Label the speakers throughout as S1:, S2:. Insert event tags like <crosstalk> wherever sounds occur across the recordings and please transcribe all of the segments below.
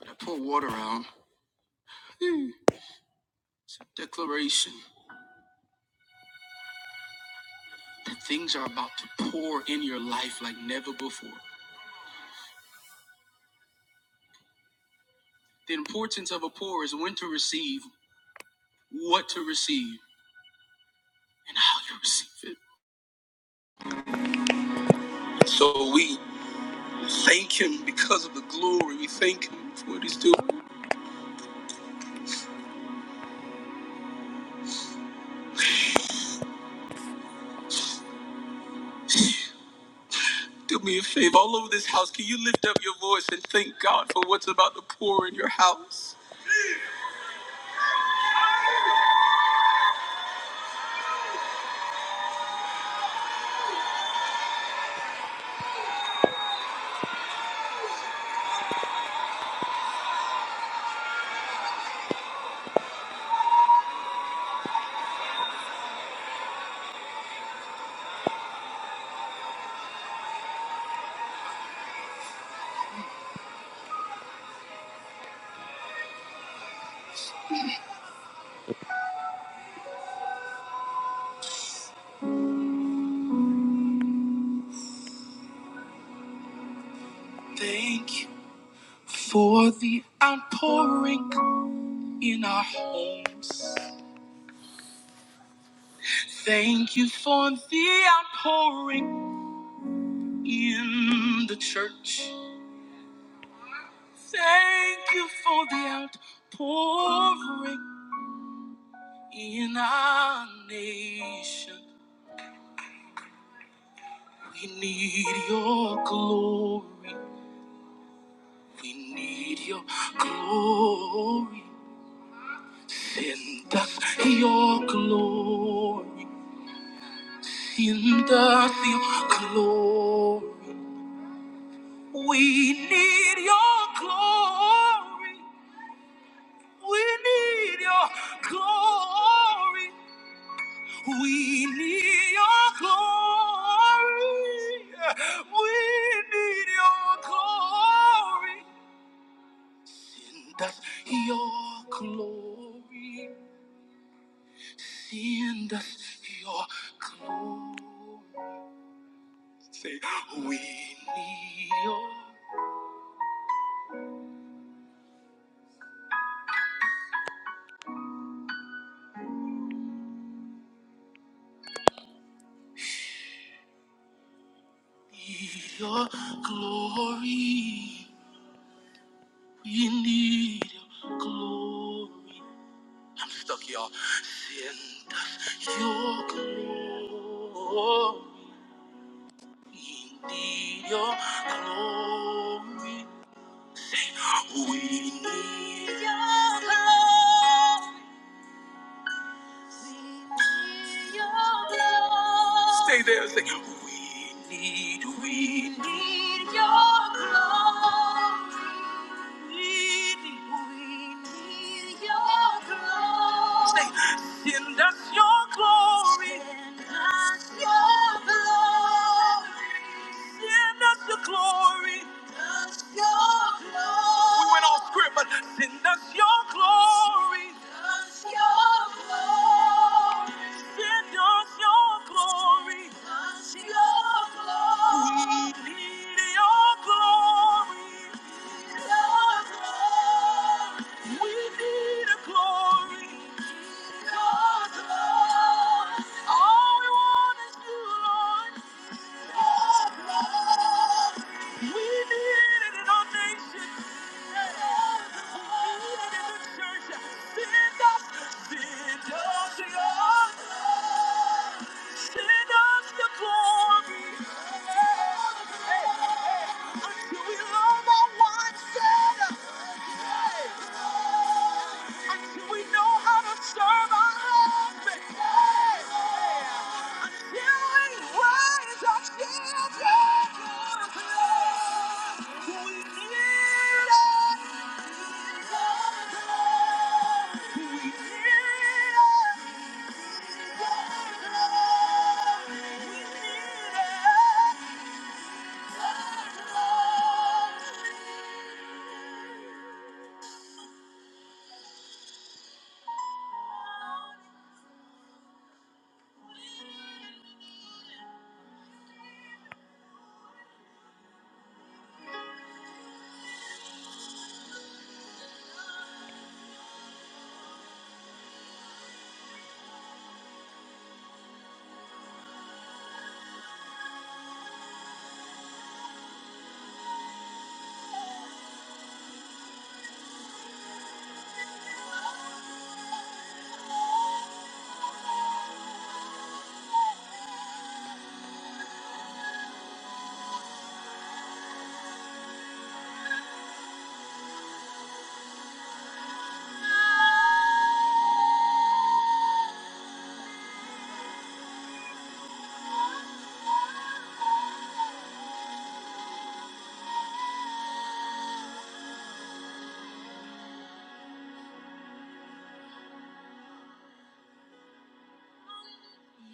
S1: But I pour water out. It's a declaration that things are about to pour in your life like never before. The importance of a pour is when to receive, what to receive, and how you receive it. so we thank him because of the glory. We thank him for what he's doing. Do me a favor, all over this house, can you lift up your voice and thank God for what's about to pour in your house? Thank you for the outpouring in our homes. Thank you for the outpouring in the church. Thank you for the outpouring in our nation. We need your glory. We need your glory. Send us your glory. Send us your glory. We need your glory. We need your glory. We need your glory. We need your glory. Send us your glory. Send us your glory. Say, we need your, need your glory. We need your glory. Stuck, y'all. Sientas your glory. need your glory. We need your glory. Stay there and say, We need, we need your glory. We need, we need your glory. Say, Send us your glory. Send us your glory. Send us your glory. Send us your glory. We went off script, but send us your glory. All we want is you, Lord. We need it in our nation. We need it in the church. Send us, send us your, send us the glory. Till we love our wives better. Till we know how to serve our husband. Till we raise our children. We need it.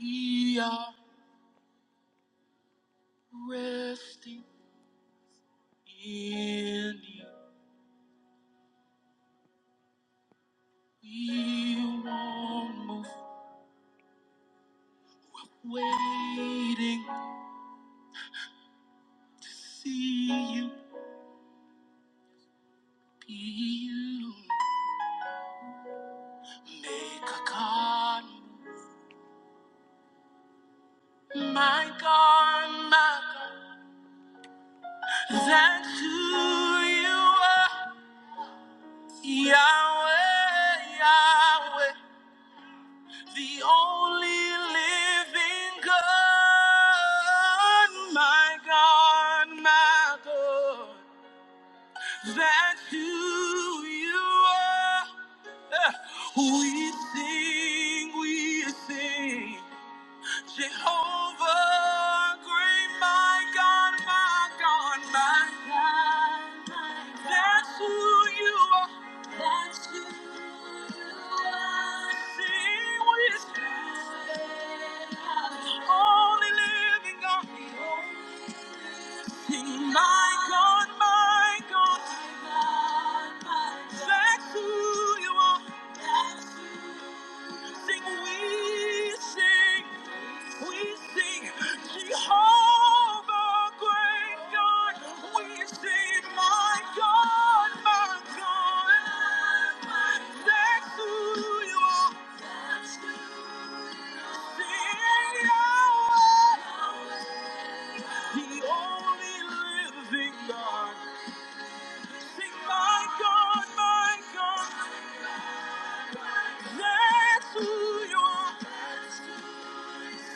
S1: We are resting in you. We won't move, waiting to see you be you. Make a God, my God, my God. That's who you are, Yahweh, Yahweh, the only living God, my God, my God. That's who you are. We sing, we sing. Jehovah, great my God, my God, my God, my God. That's who you are. That's who you are. Sing with me. Only living God. Sing, my God, my God. My God, my God. That's who you are. That's who you are. Sing, we sing. We sing Jehovah, great God. We sing my God, my God. That's who you are. Sing Yahweh, the only living God. Sing my God, my God. That's who you are.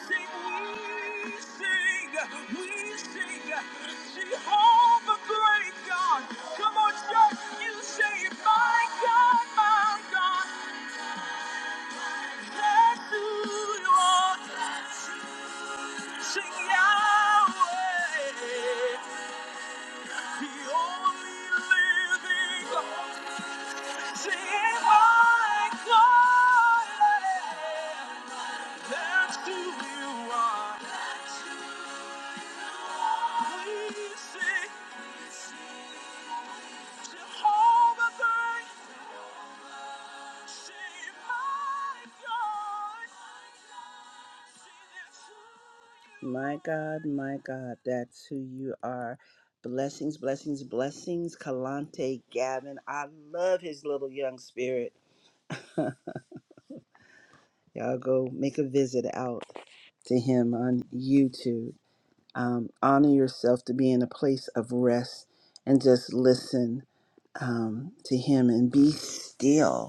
S1: That's who you are. We sing. my God. My God, my God, that's who you are. Blessings, blessings, blessings. Kalante Gavin. I love his little young spirit. Y'all go make out to him. Um, honor yourself to be in a place of rest and just listen um, to him and be still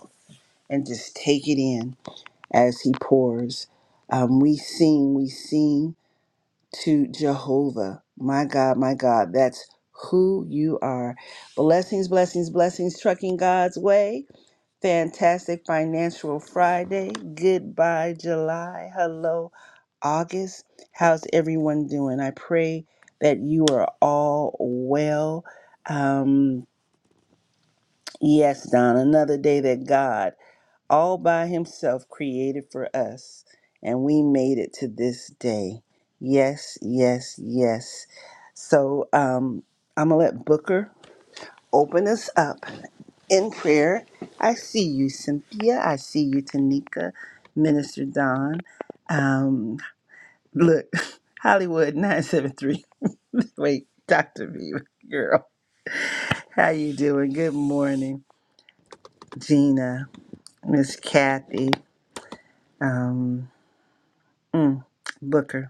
S1: and just take it in as He pours. Um, when we sing to Jehovah, my God, my God, that's who you are. Blessings, blessings, blessings, trucking God's way. Fantastic Financial Friday. Goodbye, July. Hello, August. How's everyone doing? I pray that you are all well. Um, yes, Don, another day that God all by himself created for us, and we made it to this day. Yes, yes, yes. So um, I'm going to let Booker open us up in prayer. I see you, Cynthia. I see you, Tanika, Minister Don. Um, look, <laughs> Hollywood 973. <laughs> Wait, Dr. V, girl. How you doing? Good morning, Gina, Miss Kathy, um, mm, Booker.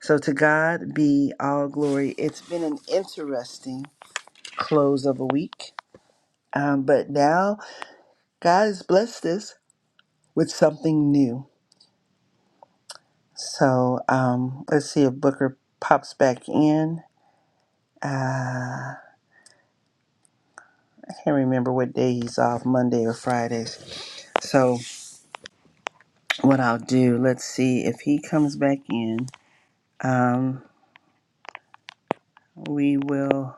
S1: So to God be all glory. It's been an interesting close of a week, um, but now God has blessed us with something new. So um, let's see if Booker pops back in. Uh, I can't remember what day he's off, Monday or Fridays. So what I'll do, let's see if he comes back in. Um, we will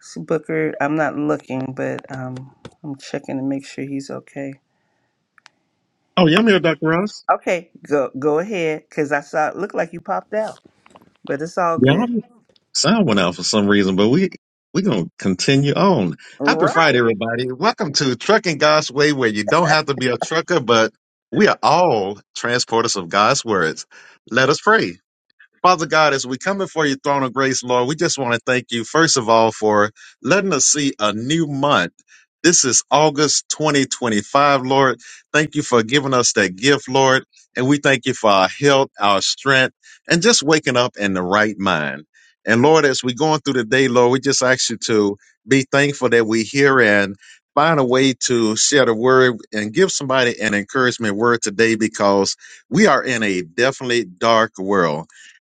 S1: see Booker. I'm not looking, but um, I'm checking to make sure he's okay.
S2: Oh, yeah, I'm here, Dr. Ross.
S1: Okay, go go ahead, cause I saw it looked like you popped out, but it's all
S2: Yeah, our
S1: good.
S2: sound went out for some reason, but we we gonna continue on.
S1: All
S2: Happy
S1: right.
S2: Friday, everybody. Welcome to Trucking God's Way, where you don't have to be a trucker, but we are all transporters of God's words. Let us pray. Father God, as we come before your throne of grace, Lord, we just want to thank you, first of all, for letting us see a new month. This is August 2025, Lord. Thank you for giving us that gift, Lord. And we thank you for our health, our strength, and just waking up in the right mind. And Lord, as we're going through the day, Lord, we just ask you to be thankful that we're here and find a way to share the word and give somebody an encouragement word today because we are in a definitely dark world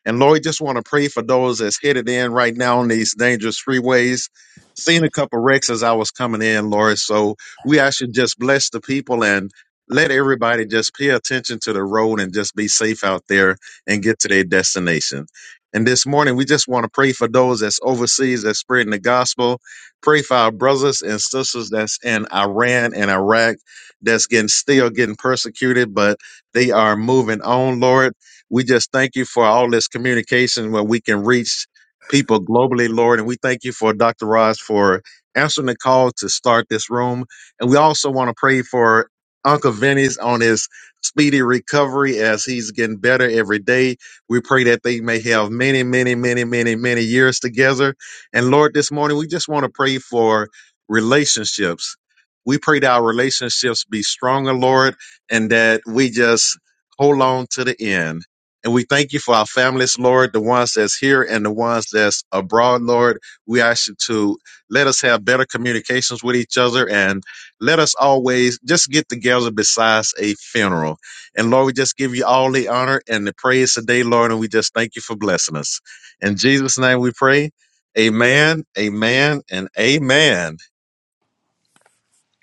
S2: and Lord, just want to pray for those that's headed in right now on these dangerous freeways. Seen a couple wrecks as I was coming in, Lord. So we actually just bless the people and let everybody just pay attention to the road and just be safe out there and get to their destination. And this morning, we just want to pray for those that's overseas that's spreading the gospel. Pray for our brothers and sisters that's in Iran and Iraq that's getting still getting persecuted, but they are moving on, Lord. We just thank you for all this communication where we can reach people globally, Lord. And we thank you for Dr. Ross for answering the call to start this room. And we also want to pray for Uncle Vinny's on his speedy recovery as he's getting better every day. We pray that they may have many, many, many, many, many years together. And Lord, this morning we just want to pray for relationships. We pray that our relationships be stronger, Lord, and that we just hold on to the end. And we thank you for our families, Lord, the ones that's here and the ones that's abroad, Lord. We ask you to let us have better communications with each other and let us always just get together besides a funeral. And Lord, we just give you all the honor and the praise today, Lord, and we just thank you for blessing us. In Jesus' name we pray. Amen, amen, and amen.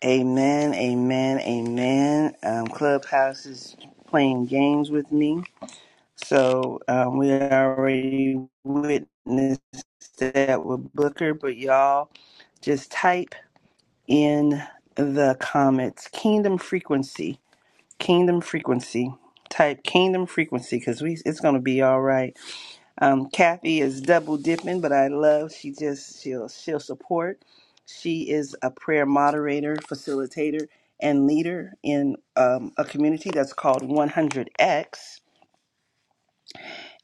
S1: Amen, amen, amen. Um, Clubhouse is playing games with me. So um, we already witnessed that with Booker, but y'all just type in the comments Kingdom Frequency. Kingdom Frequency. Type Kingdom Frequency because we it's going to be all right. Um, Kathy is double dipping, but I love she just she'll she'll support. She is a prayer moderator, facilitator, and leader in um, a community that's called 100X,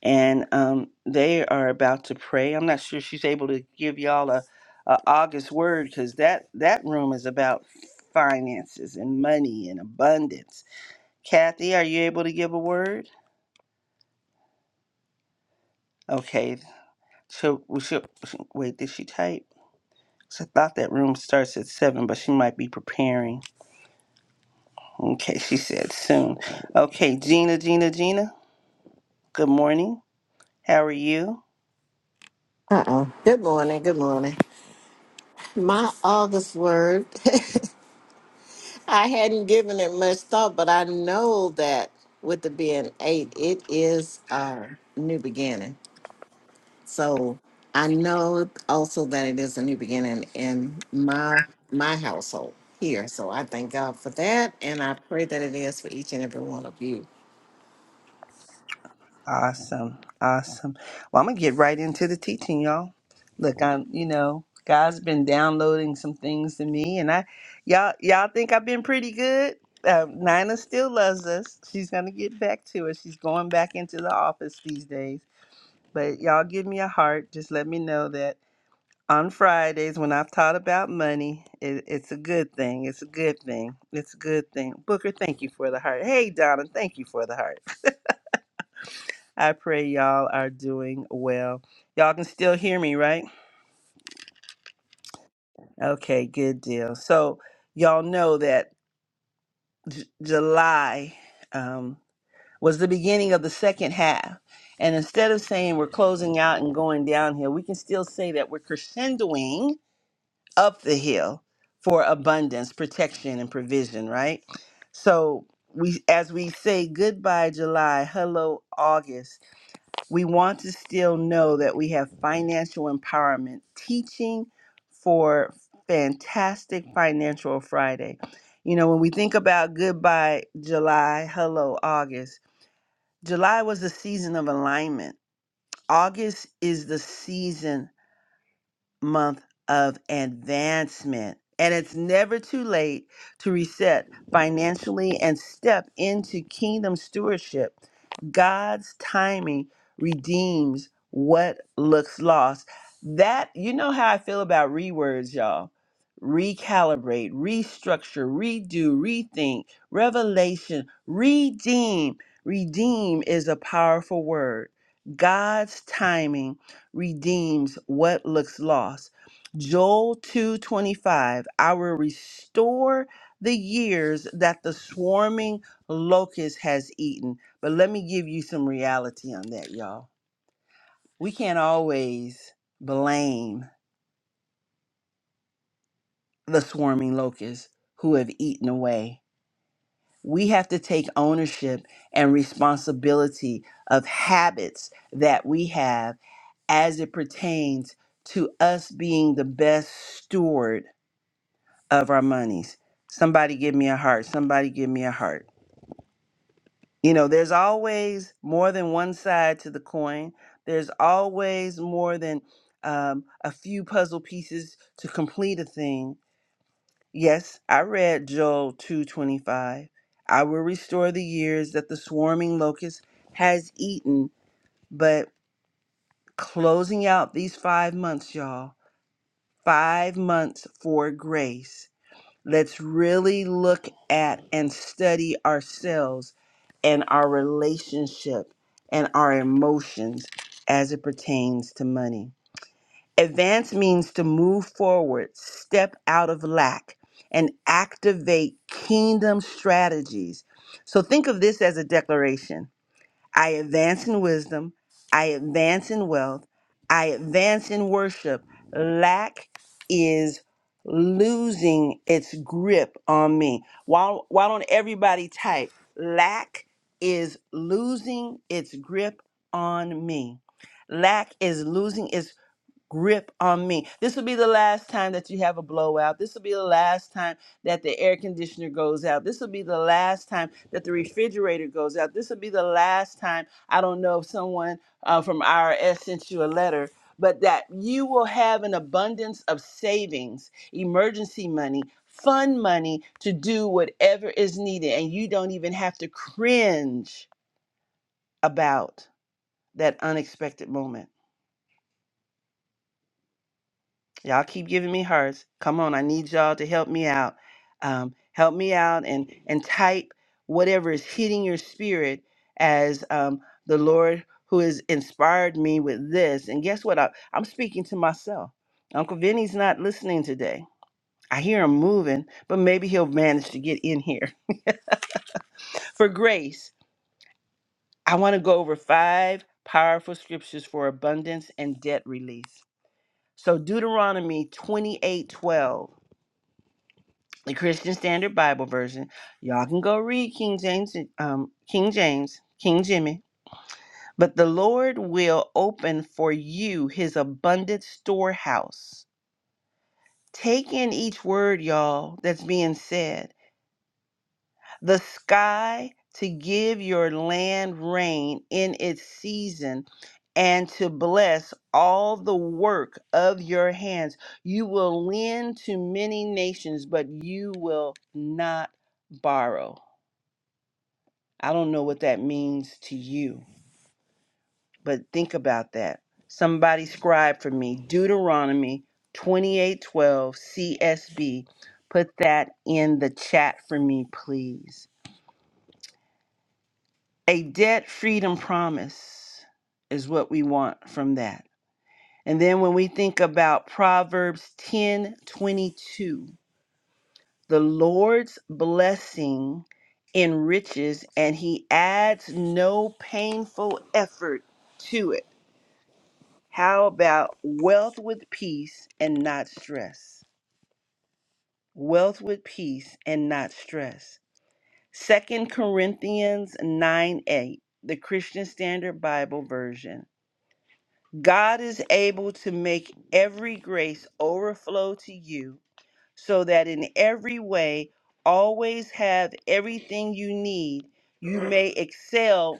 S1: and um, they are about to pray. I'm not sure she's able to give y'all a, a August word because that that room is about finances and money and abundance. Kathy, are you able to give a word? Okay, so we should wait. Did she type? So I thought that room starts at seven, but she might be preparing. Okay, she said soon. Okay, Gina, Gina, Gina. Good morning. How are you?
S3: uh oh. Good morning. Good morning. My August word, <laughs> I hadn't given it much thought, but I know that with the being eight, it is a new beginning. So I know also that it is a new beginning in my my household here. So I thank God for that, and I pray that it is for each and every one of you.
S1: Awesome, awesome. Well, I'm gonna get right into the teaching, y'all. Look, I'm, you know, God's been downloading some things to me, and I, y'all, y'all think I've been pretty good. Um, Nina still loves us. She's gonna get back to us. She's going back into the office these days. But y'all, give me a heart. Just let me know that. on Fridays when I've taught about money. It, it's a good thing. It's a good thing. It's a good thing. Booker, thank you for the heart. Hey, Donna, thank you for the heart. I pray y'all are doing well. Y'all can still hear me, right? Okay, good deal. So, y'all know that J- July um, was the beginning of the second half. And instead of saying we're closing out and going downhill, we can still say that we're crescendoing up the hill for abundance, protection, and provision, right? So we as we say goodbye July, hello August, we want to still know that we have financial empowerment teaching for fantastic financial Friday. You know, when we think about goodbye July, hello August, July was the season of alignment. August is the season month of advancement. And it's never too late to reset financially and step into kingdom stewardship. God's timing redeems what looks lost. That, you know how I feel about rewords, y'all. Recalibrate, restructure, redo, rethink, revelation, redeem. Redeem is a powerful word. God's timing redeems what looks lost. Joel 2:25 I will restore the years that the swarming locust has eaten. But let me give you some reality on that, y'all. We can't always blame the swarming locusts who have eaten away. We have to take ownership and responsibility of habits that we have as it pertains to us being the best steward of our monies. Somebody give me a heart. Somebody give me a heart. You know, there's always more than one side to the coin. There's always more than um, a few puzzle pieces to complete a thing. Yes, I read Joel 2:25. I will restore the years that the swarming locust has eaten, but closing out these 5 months, y'all. 5 months for grace Let's really look at and study ourselves and our relationship and our emotions as it pertains to money. Advance means to move forward, step out of lack, and activate kingdom strategies. So think of this as a declaration. I advance in wisdom. I advance in wealth. I advance in worship. Lack is losing its grip on me. Why, why don't everybody type? Lack is losing its grip on me. Lack is losing its grip on me. This will be the last time that you have a blowout. This will be the last time that the air conditioner goes out. This will be the last time that the refrigerator goes out. This will be the last time. I don't know if someone uh, from IRS sent you a letter, but that you will have an abundance of savings, emergency money. Fun money to do whatever is needed, and you don't even have to cringe about that unexpected moment. Y'all keep giving me hearts. Come on, I need y'all to help me out. Um, help me out and and type whatever is hitting your spirit as um, the Lord who has inspired me with this. And guess what? I, I'm speaking to myself. Uncle Vinny's not listening today. I hear him moving, but maybe he'll manage to get in here. <laughs> for grace, I want to go over five powerful scriptures for abundance and debt release. So Deuteronomy 28:12. the Christian Standard Bible Version. Y'all can go read King James, um, King James, King Jimmy. But the Lord will open for you his abundant storehouse. Take in each word, y'all, that's being said. The sky to give your land rain in its season and to bless all the work of your hands. You will lend to many nations, but you will not borrow I don't know what that means to you, but think about that. Somebody scribe for me Deuteronomy 28:12 CSB. Put that in the chat for me, please. A debt freedom promise is what we want from that. And then when we think about Proverbs 10:22, the Lord's blessing enriches and he adds no painful effort to it. How about wealth with peace and not stress? Wealth with peace and not stress. Second Corinthians 9 8, the Christian Standard Bible Version. God is able to make every grace overflow to you so that in every way, always have everything you need. You may excel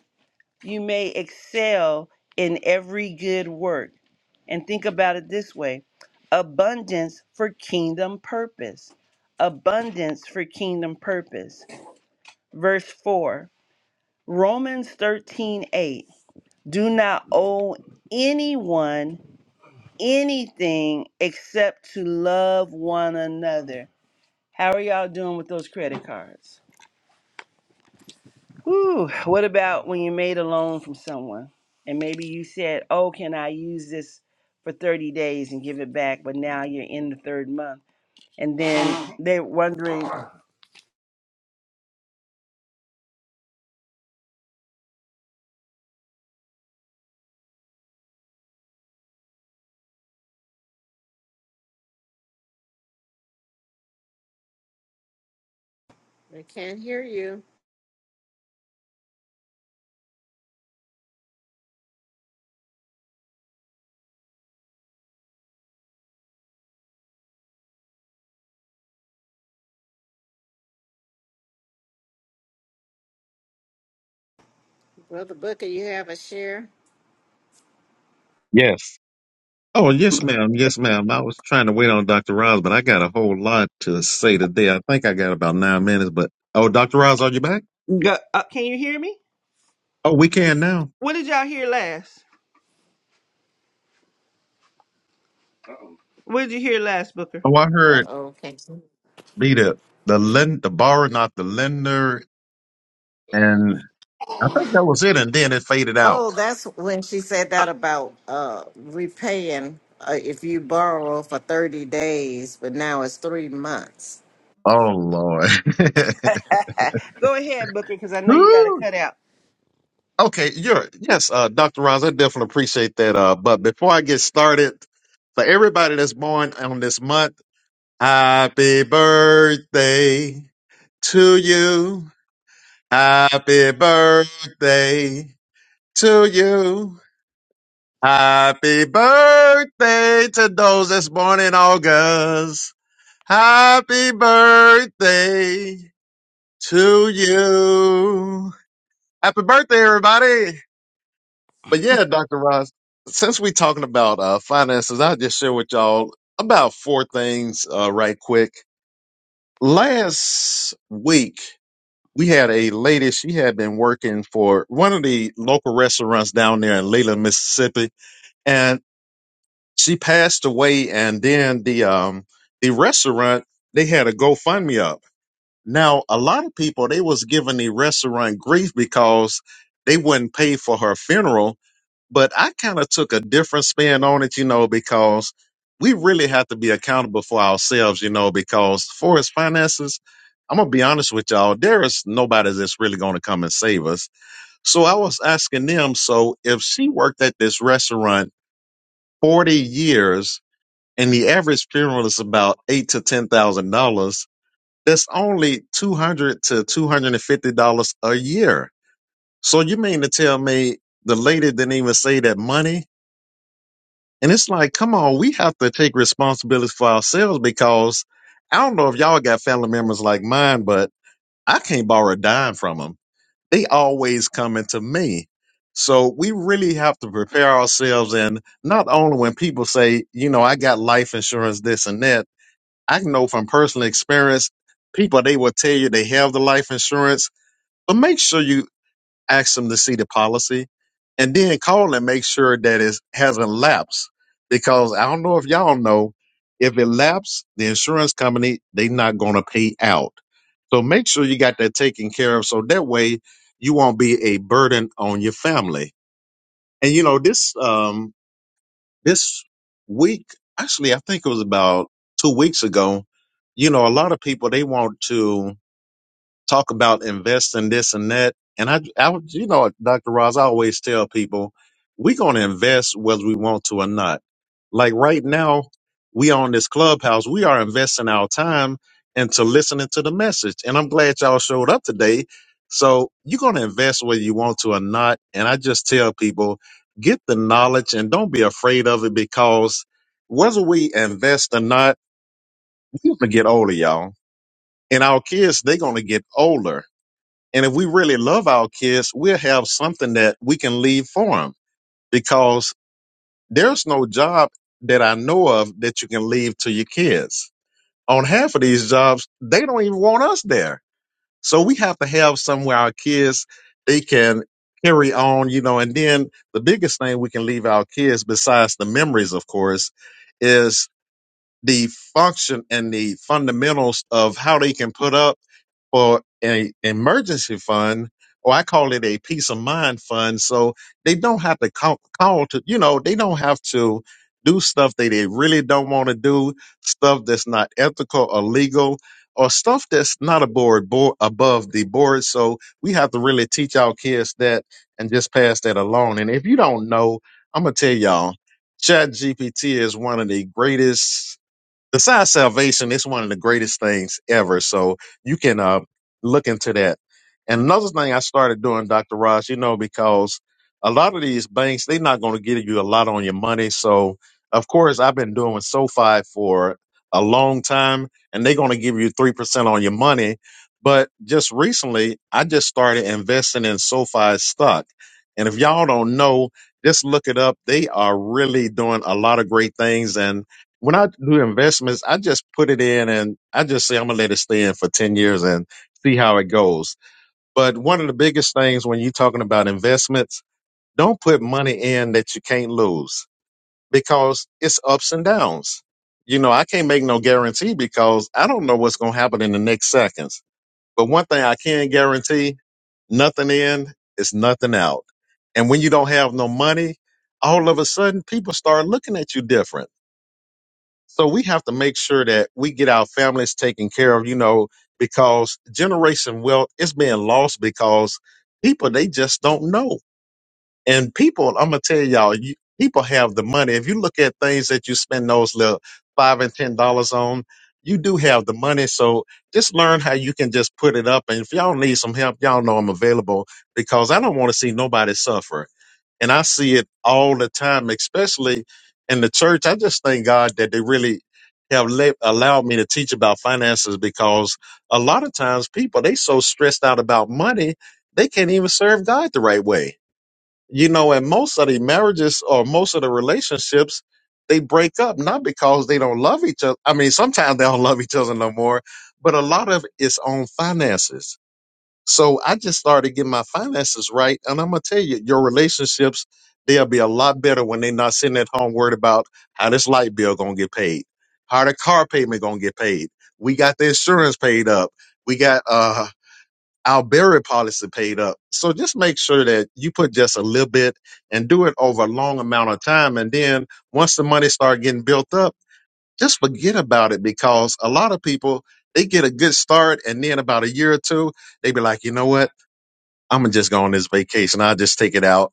S1: you may excel in every good work. And think about it this way abundance for kingdom purpose. Abundance for kingdom purpose. Verse 4, Romans 13 8. Do not owe anyone anything except to love one another. How are y'all doing with those credit cards? Whew, what about when you made a loan from someone and maybe you said, Oh, can I use this for 30 days and give it back? But now you're in the third month. And then they're wondering,
S3: I can't hear you, brother Booker. You have a share.
S2: Yes. Oh, yes, ma'am. Yes, ma'am. I was trying to wait on Dr. Roz, but I got a whole lot to say today. I think I got about nine minutes, but oh, Dr. Roz, are you back?
S1: Go, uh, can you hear me?
S2: Oh, we can now.
S1: What did y'all hear last? What did you hear last, Booker?
S2: Oh, I
S3: Uh
S2: heard
S3: oh.
S2: be the the lend the borrower, not the lender, and I think that was it. And then it faded
S3: Oh,
S2: out.
S3: that's when she said that about uh repaying uh, if you borrow for 30 days, but now it's three months.
S2: Oh Lord. <laughs>
S1: <laughs> Go ahead, Booker, because I know you got to
S2: Whew.
S1: cut out.
S2: okay, you're yes, uh, Dr. Roz. I definitely appreciate that. Uh, but before I get started, for everybody that's born on this month, happy birthday. to you. Happy birthday to you. Happy birthday to those that's born in August. Happy birthday to you. Happy birthday, everybody. But yeah, Dr. Ross, since we're talking about uh, finances, I'll just share with y'all about four things uh, right quick. Last week, we had a lady, she had been working for one of the local restaurants down there in Leland, Mississippi, and she passed away and then the um the restaurant, they had a GoFundMe up. Now, a lot of people they was giving the restaurant grief because they wouldn't pay for her funeral but I kind of took a different spin on it, you know, because we really have to be accountable for ourselves, you know, because for his finances, I'm gonna be honest with y'all, there is nobody that's really gonna come and save us. So I was asking them, so if she worked at this restaurant 40 years and the average funeral is about eight to ten thousand dollars, that's only two hundred to two hundred and fifty dollars a year. So you mean to tell me the lady didn't even say that money? And it's like, come on, we have to take responsibility for ourselves because I don't know if y'all got family members like mine, but I can't borrow a dime from them. They always coming to me. So we really have to prepare ourselves. And not only when people say, you know, I got life insurance, this and that, I know from personal experience, people, they will tell you they have the life insurance, but make sure you ask them to see the policy, and then call and make sure that it hasn't lapsed. Because I don't know if y'all know, if it lapsed, the insurance company they not going to pay out. So make sure you got that taken care of, so that way you won't be a burden on your family. And you know this um this week, actually, I think it was about two weeks ago. You know, a lot of people they want to talk about investing this and that. And I, I would- you know, Dr. Ross, I always tell people, we're going to invest whether we want to or not. Like right now, we on this clubhouse, we are investing our time into listening to the message. And I'm glad y'all showed up today. So you're going to invest whether you want to or not. And I just tell people, get the knowledge and don't be afraid of it because whether we invest or not, we're going to get older, y'all. And our kids, they're going to get older and if we really love our kids, we'll have something that we can leave for them because there's no job that I know of that you can leave to your kids. On half of these jobs, they don't even want us there. So we have to have somewhere our kids they can carry on, you know, and then the biggest thing we can leave our kids besides the memories, of course, is the function and the fundamentals of how they can put up for an emergency fund, or I call it a peace of mind fund. So they don't have to call, call to, you know, they don't have to do stuff that they really don't want to do, stuff that's not ethical or legal, or stuff that's not aboard board, above the board. So we have to really teach our kids that and just pass that along. And if you don't know, I'm gonna tell y'all, Chat GPT is one of the greatest besides salvation, it's one of the greatest things ever. So you can uh, look into that. And another thing I started doing, Dr. Ross, you know, because a lot of these banks, they're not going to give you a lot on your money. So, of course, I've been doing SoFi for a long time, and they're going to give you 3% on your money. But just recently, I just started investing in SoFi stock. And if y'all don't know, just look it up. They are really doing a lot of great things. And when I do investments, I just put it in and I just say I'm gonna let it stay in for 10 years and see how it goes. But one of the biggest things when you're talking about investments, don't put money in that you can't lose because it's ups and downs. You know, I can't make no guarantee because I don't know what's gonna happen in the next seconds. But one thing I can guarantee, nothing in is nothing out. And when you don't have no money, all of a sudden people start looking at you different so we have to make sure that we get our families taken care of, you know, because generation wealth is being lost because people, they just don't know. And people, I'm going to tell y'all, you, people have the money. If you look at things that you spend those little five and ten dollars on, you do have the money. So just learn how you can just put it up. And if y'all need some help, y'all know I'm available because I don't want to see nobody suffer. And I see it all the time, especially in the church. I just thank God that they really have let, allowed me to teach about finances because a lot of times people, they so stressed out about money, they can't even serve God the right way. You know, and most of the marriages or most of the relationships, they break up not because they don't love each other. I mean, sometimes they don't <laughs> love each other no more, but a lot of it's on finances so I just started getting my finances right. And I'm going to tell you, your relationships, they'll be a lot better when they're not sitting at home worried about how this light bill going to get paid, how the car payment going to get paid. We got the insurance paid up. We got, uh, our burial policy paid up. So just make sure that you put just a little bit and do it over a long amount of time. And then once the money start getting built up, just forget about it because a lot of people, they get a good start and then about a year or two, they be like, you know what? I'm gonna just go on this vacation. I'll just take it out.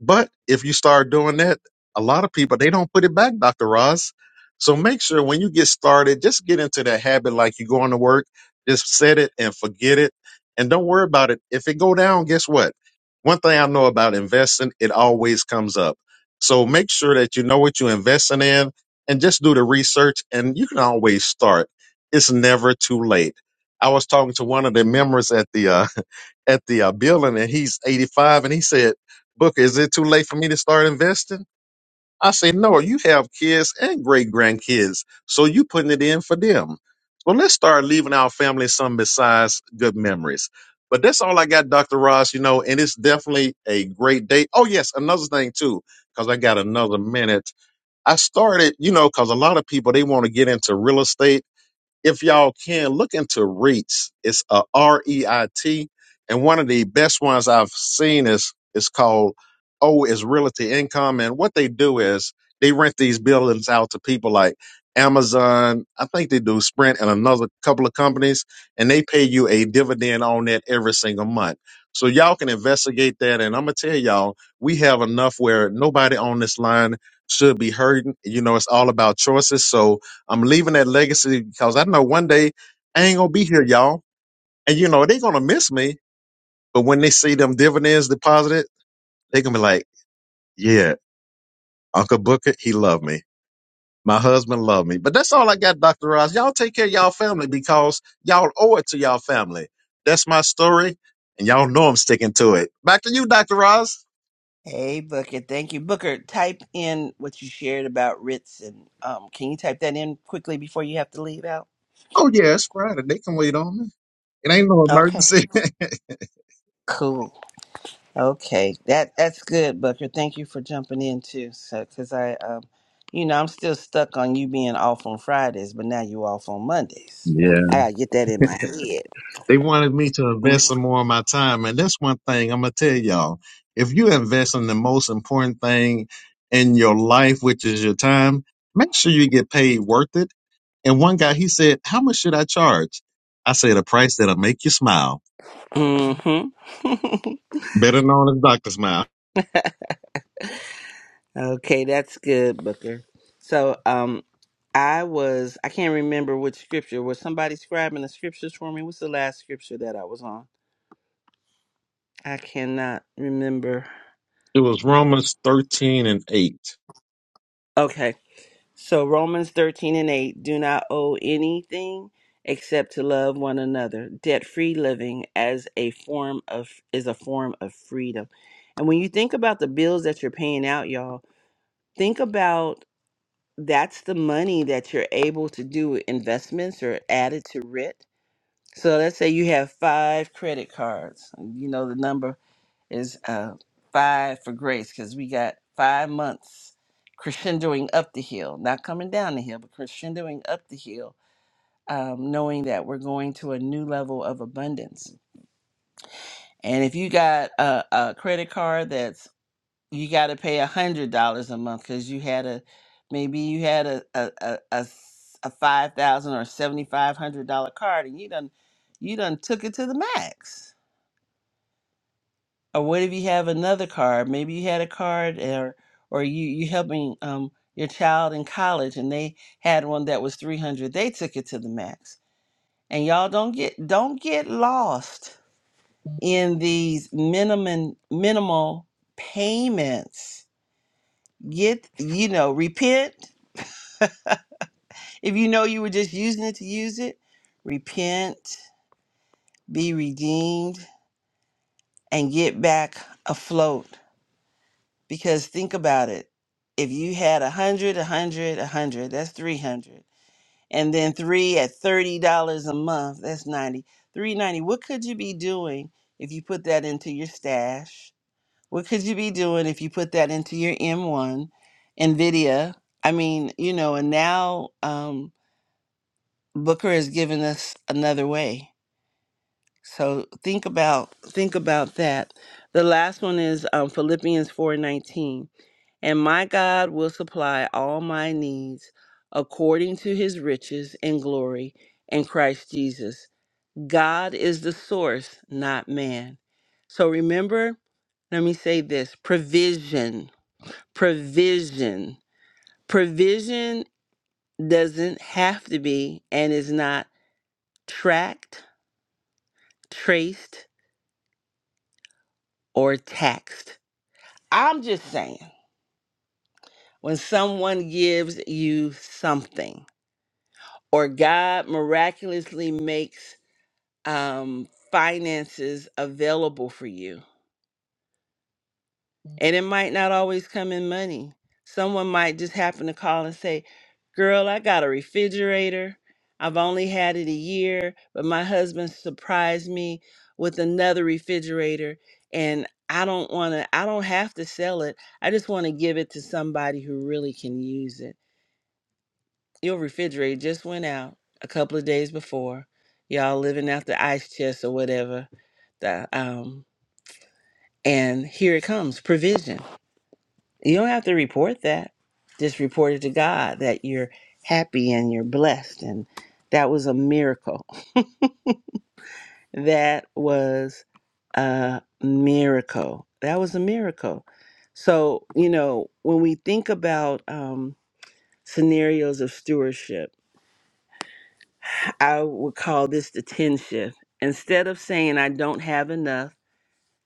S2: But if you start doing that, a lot of people they don't put it back, Dr. Ross. So make sure when you get started, just get into that habit like you're going to work. Just set it and forget it, and don't worry about it. If it go down, guess what? One thing I know about investing, it always comes up. So make sure that you know what you're investing in, and just do the research. And you can always start. It's never too late. I was talking to one of the members at the uh, at the uh, building and he's 85 and he said, Booker, is it too late for me to start investing? I said, no, you have kids and great grandkids. So you putting it in for them. So let's start leaving our family some besides good memories. But that's all I got, Dr. Ross, you know, and it's definitely a great day. Oh, yes, another thing too, because I got another minute. I started, you know, because a lot of people, they want to get into real estate if y'all can look into REITs, it's a R E I T, and one of the best ones I've seen is is called O is Realty Income, and what they do is they rent these buildings out to people like Amazon, I think they do Sprint and another couple of companies, and they pay you a dividend on that every single month. So y'all can investigate that, and I'm gonna tell y'all we have enough where nobody on this line should be hurting. You know, it's all about choices, so I'm leaving that legacy because I know one day I ain't gonna be here, y'all. And you know, they're gonna miss me. But when they see them dividends deposited, they gonna be like, Yeah, Uncle Booker, he loved me. My husband loved me. But that's all I got, Dr. Ross. Y'all take care of y'all family because y'all owe it to y'all family. That's my story, and y'all know I'm sticking to it. Back to you, Dr. Ross.
S1: Hey, Booker, thank you. Booker, type in what you shared about Ritz. And um, can you type that in quickly before you have to leave out?
S2: Oh yeah, it's Friday. They can wait on me. It ain't no
S1: Okay,
S2: emergency. <laughs>
S1: Cool. Okay, that that's good, Booker. Thank you for jumping in too. So, because I, um, you know, I'm still stuck on you being off on Fridays, but now you off on Mondays.
S2: Yeah.
S1: I gotta get that in my head.
S2: They wanted me to invest some more of my time. And that's one thing I'm going to tell y'all. If you invest in the most important thing in your life, which is your time, make sure you get paid worth it. And one guy, he said, How much should I charge? I said, A price that'll make you smile.
S1: Mm-hmm.
S2: Better known as Dr. Smile.
S1: <laughs> okay, that's good, Booker. So, um, I was I can't remember which scripture. Was somebody scribing the scriptures for me? What's the last scripture that I was on? I cannot remember.
S2: It was Romans 13 and 8.
S1: Okay. So Romans 13 and 8 do not owe anything except to love one another. Debt-free living as a form of is a form of freedom. And when you think about the bills that you're paying out, y'all, think about that's the money that you're able to do investments or added to rent. So let's say you have five credit cards. You know the number is uh, five for grace because we got five months crescendoing up the hill, not coming down the hill, but crescendoing up the hill, um, knowing that we're going to a new level of abundance. And if you got a, a credit card that's you got to pay a hundred dollars a month because you had a maybe you had a a a, a s- a five thousand or seventy five hundred dollar card and you done you done took it to the max or what if you have another card maybe you had a card or or you you helping um your child in college and they had one that was 300 they took it to the max and y'all don't get don't get lost in these minimum minimal payments get you know repent if you know you were just using it to use it repent be redeemed and get back afloat Because think about it. If you had a hundred, a hundred, a hundred, that's three hundred. And then three at thirty dollars a month, that's ninety. Three ninety. What could you be doing if you put that into your stash? What could you be doing if you put that into your M1, NVIDIA? I mean, you know, and now um, Booker has given us another way. So think about think about that. The last one is um, Philippians four nineteen. And my God will supply all my needs according to his riches and glory in Christ Jesus. God is the source, not man. So remember, let me say this provision, provision, provision doesn't have to be and is not tracked, traced, or taxed. I'm just saying, when someone gives you something, or God miraculously makes um, finances available for you. And it might not always come in money. Someone might just happen to call and say, Girl, I got a refrigerator. I've only had it a year, but my husband surprised me with another refrigerator. And I don't want to, I don't have to sell it. I just want to give it to somebody who really can use it. Your refrigerator just went out a couple of days before. Y'all living out the ice chest or whatever. The, um, And here it comes provision. You don't have to report that. Just report it to God that you're happy and you're blessed. And that was a miracle. <laughs> That was a miracle. That was a miracle. So, you know, when we think about um, scenarios of stewardship, I would call this the 10 shift. Instead of saying I don't have enough,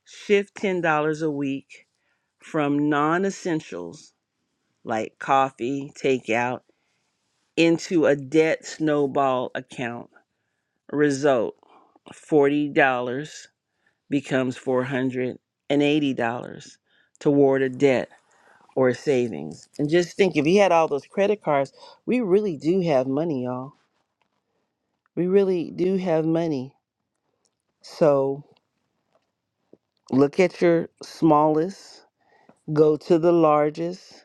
S1: shift $10 a week from non essentials like coffee, takeout, into a debt snowball account. Result $40 becomes $480 toward a debt or savings. And just think if he had all those credit cards, we really do have money, y'all. We really do have money. So look at your smallest, go to the largest,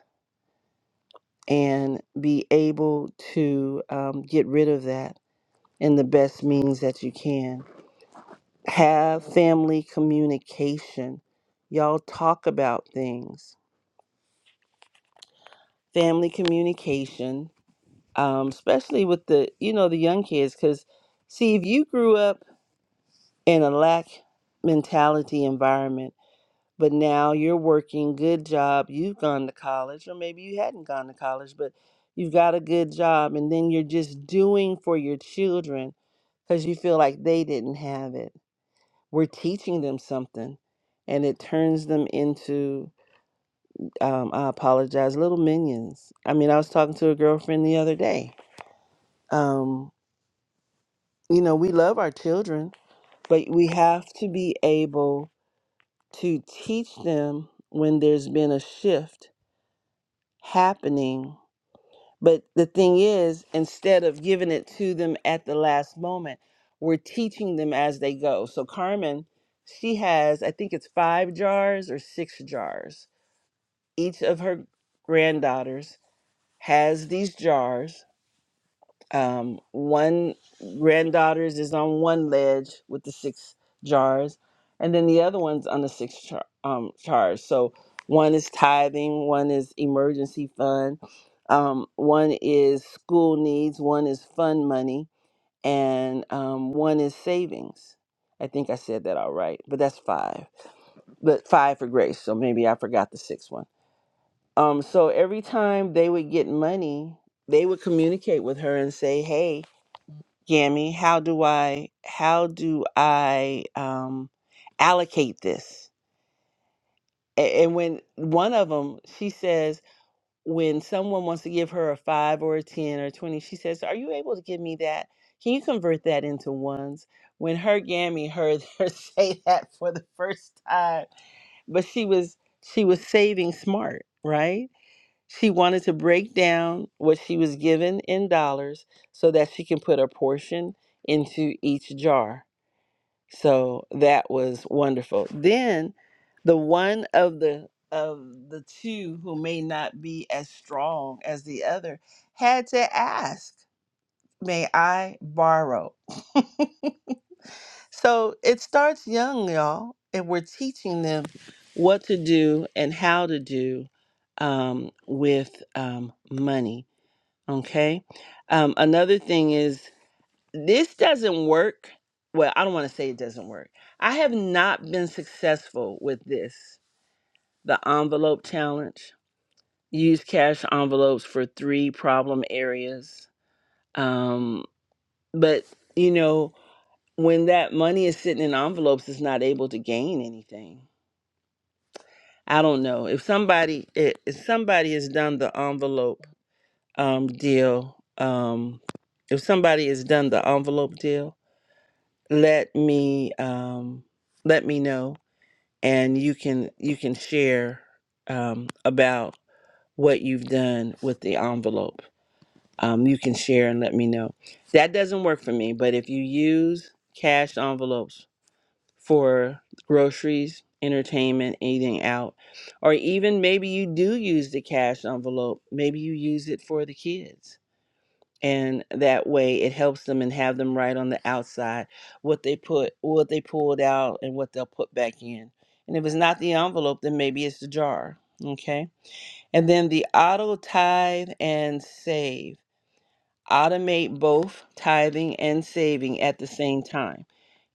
S1: and be able to um, get rid of that in the best means that you can. have family communication. Y'all talk about things. Family communication, um, especially with the you know the young kids, because see if you grew up in a lack mentality environment, but now you're working, good job, you've gone to college, or maybe you hadn't gone to college, but you've got a good job, and then you're just doing for your children because you feel like they didn't have it. We're teaching them something, and it turns them into Um, I apologize. Little minions. I mean, I was talking to a girlfriend the other day. Um, you know, we love our children, but we have to be able to teach them when there's been a shift happening. But the thing is, instead of giving it to them at the last moment, we're teaching them as they go. So, Carmen, she has, I think it's five jars or six jars. Each of her granddaughters has these jars Um, one granddaughters is on one ledge with the six jars, and then the other one's on the six char- um, jars. So one is tithing, one is emergency fund, um, one is school needs, one is fund money, and um, one is savings. I think I said that all right, but that's five. But five for grace, so maybe I forgot the sixth one. Um, so every time they would get money, they would communicate with her and say, "Hey, Yami, how do I how do I um allocate this? A- And when one of them, she says, when someone wants to give her a five or a ten or twenty, she says, "Are you able to give me that? Can you convert that into ones?" When her Yami heard <laughs> her say that for the first time, but she was she was saving smart, right? She wanted to break down what she was given in dollars so that she can put a portion into each jar so that was wonderful. Then the one of the of the two who may not be as strong as the other had to ask, "May I borrow?" <laughs> So it starts young, y'all, and we're teaching them what to do and how to do um, with um, money. Okay. Um, another thing is this doesn't work. Well, I don't want to say it doesn't work. I have not been successful with this, the envelope challenge. Use cash envelopes for three problem areas. Um, but, you know, when that money is sitting in envelopes, it's not able to gain anything. I don't know. If somebody i- if somebody has done the envelope um, deal, um, if somebody has done the envelope deal, let me um, let me know, and you can you can share um, about what you've done with the envelope. Um, you can share and let me know. That doesn't work for me, but if you use cash envelopes for groceries, entertainment, eating out, or even maybe you do use the cash envelope, maybe you use it for the kids and that way it helps them and have them right on the outside what they put what they pulled out and what they'll put back in and if it's not the envelope then maybe it's the jar okay and then the auto tithe and save automate both tithing and saving at the same time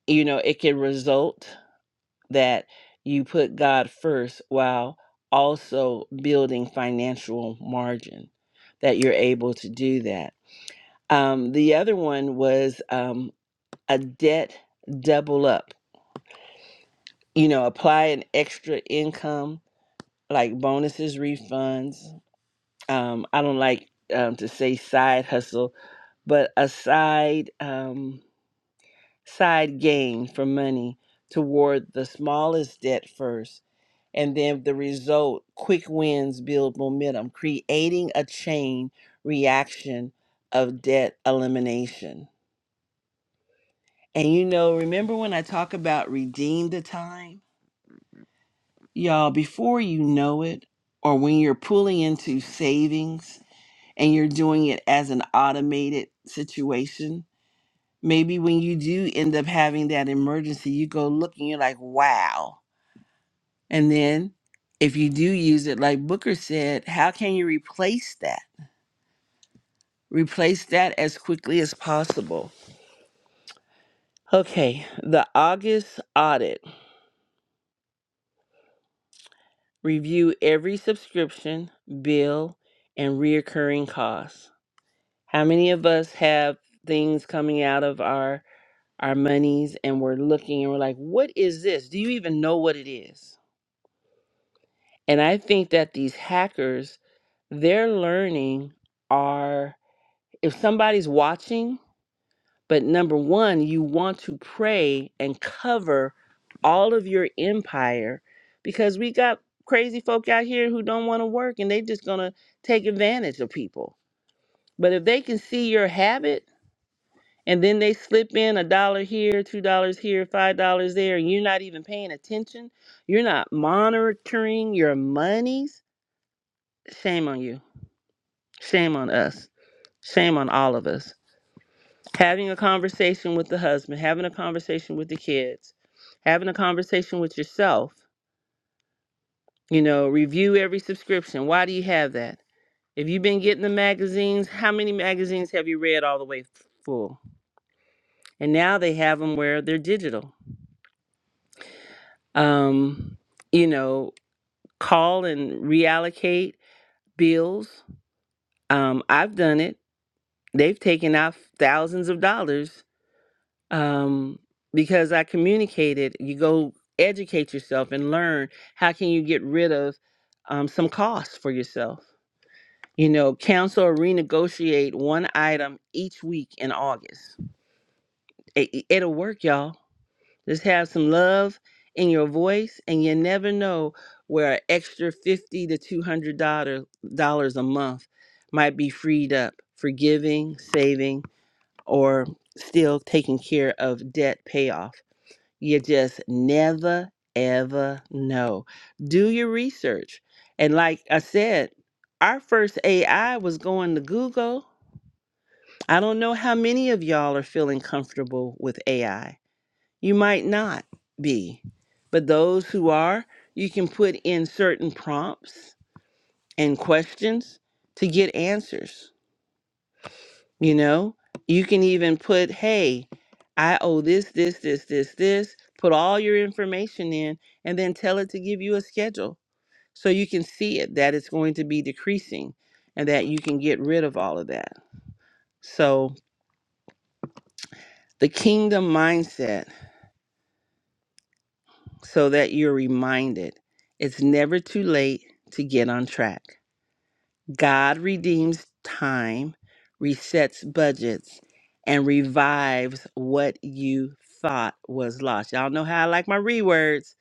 S1: you know it can result that you put god first while also building financial margin that you're able to do that um, the other one was um, a debt double up. You know, apply an extra income like bonuses, refunds. Um, I don't like um, to say side hustle, but a side um, side gain for money toward the smallest debt first, and then the result. Quick wins build momentum, creating a chain reaction of debt elimination. And you know, remember when I talk about redeem the time? Y'all, before you know it, or when you're pulling into savings and you're doing it as an automated situation, maybe when you do end up having that emergency, you go look and you're like, wow. And then if you do use it, like Booker said, how can you replace that? Replace that as quickly as possible. Okay, the August audit. Review every subscription, bill, and reoccurring costs. How many of us have things coming out of our our monies and we're looking and we're like, "What is this? Do you even know what it is?" And I think that these hackers, they're learning are if somebody's watching But number one, you want to pray and cover all of your empire because we got crazy folk out here who don't want to work and they just going to take advantage of people. But if they can see your habit and then they slip in a dollar here, two dollars here, five dollars there, and you're not even paying attention, you're not monitoring your monies, shame on you. Shame on us. Shame on all of us. having a conversation with the husband, having a conversation with the kids, having a conversation with yourself. You know, review every subscription. Why do you have that? If you've been getting the magazines, how many magazines have you read all the way f- full? And now they have them where they're digital. Um, you know, call and reallocate bills. Um, I've done it. They've taken out thousands of dollars um, because I communicated, you go educate yourself and learn how can you get rid of um, some costs for yourself. You know, counsel or renegotiate one item each week in August. It, it- it'll work, y'all. Just have some love in your voice, and you never know where an extra fifty to two hundred dollar dollars a month might be freed up for giving, saving, or still taking care of debt payoff you just never, ever know. Do your research. And like I said, our first AI was going to Google. I don't know how many of y'all are feeling comfortable with AI. You might not be, but those who are, you can put in certain prompts and questions to get answers. You know, you can even put, hey, I owe this, this, this, this, this. Put all your information in and then tell it to give you a schedule so you can see it that it's going to be decreasing and that you can get rid of all of that. So, the kingdom mindset, so that you're reminded it's never too late to get on track. God redeems time, resets budgets, and revives what you thought was lost. Y'all know how I like my rewords.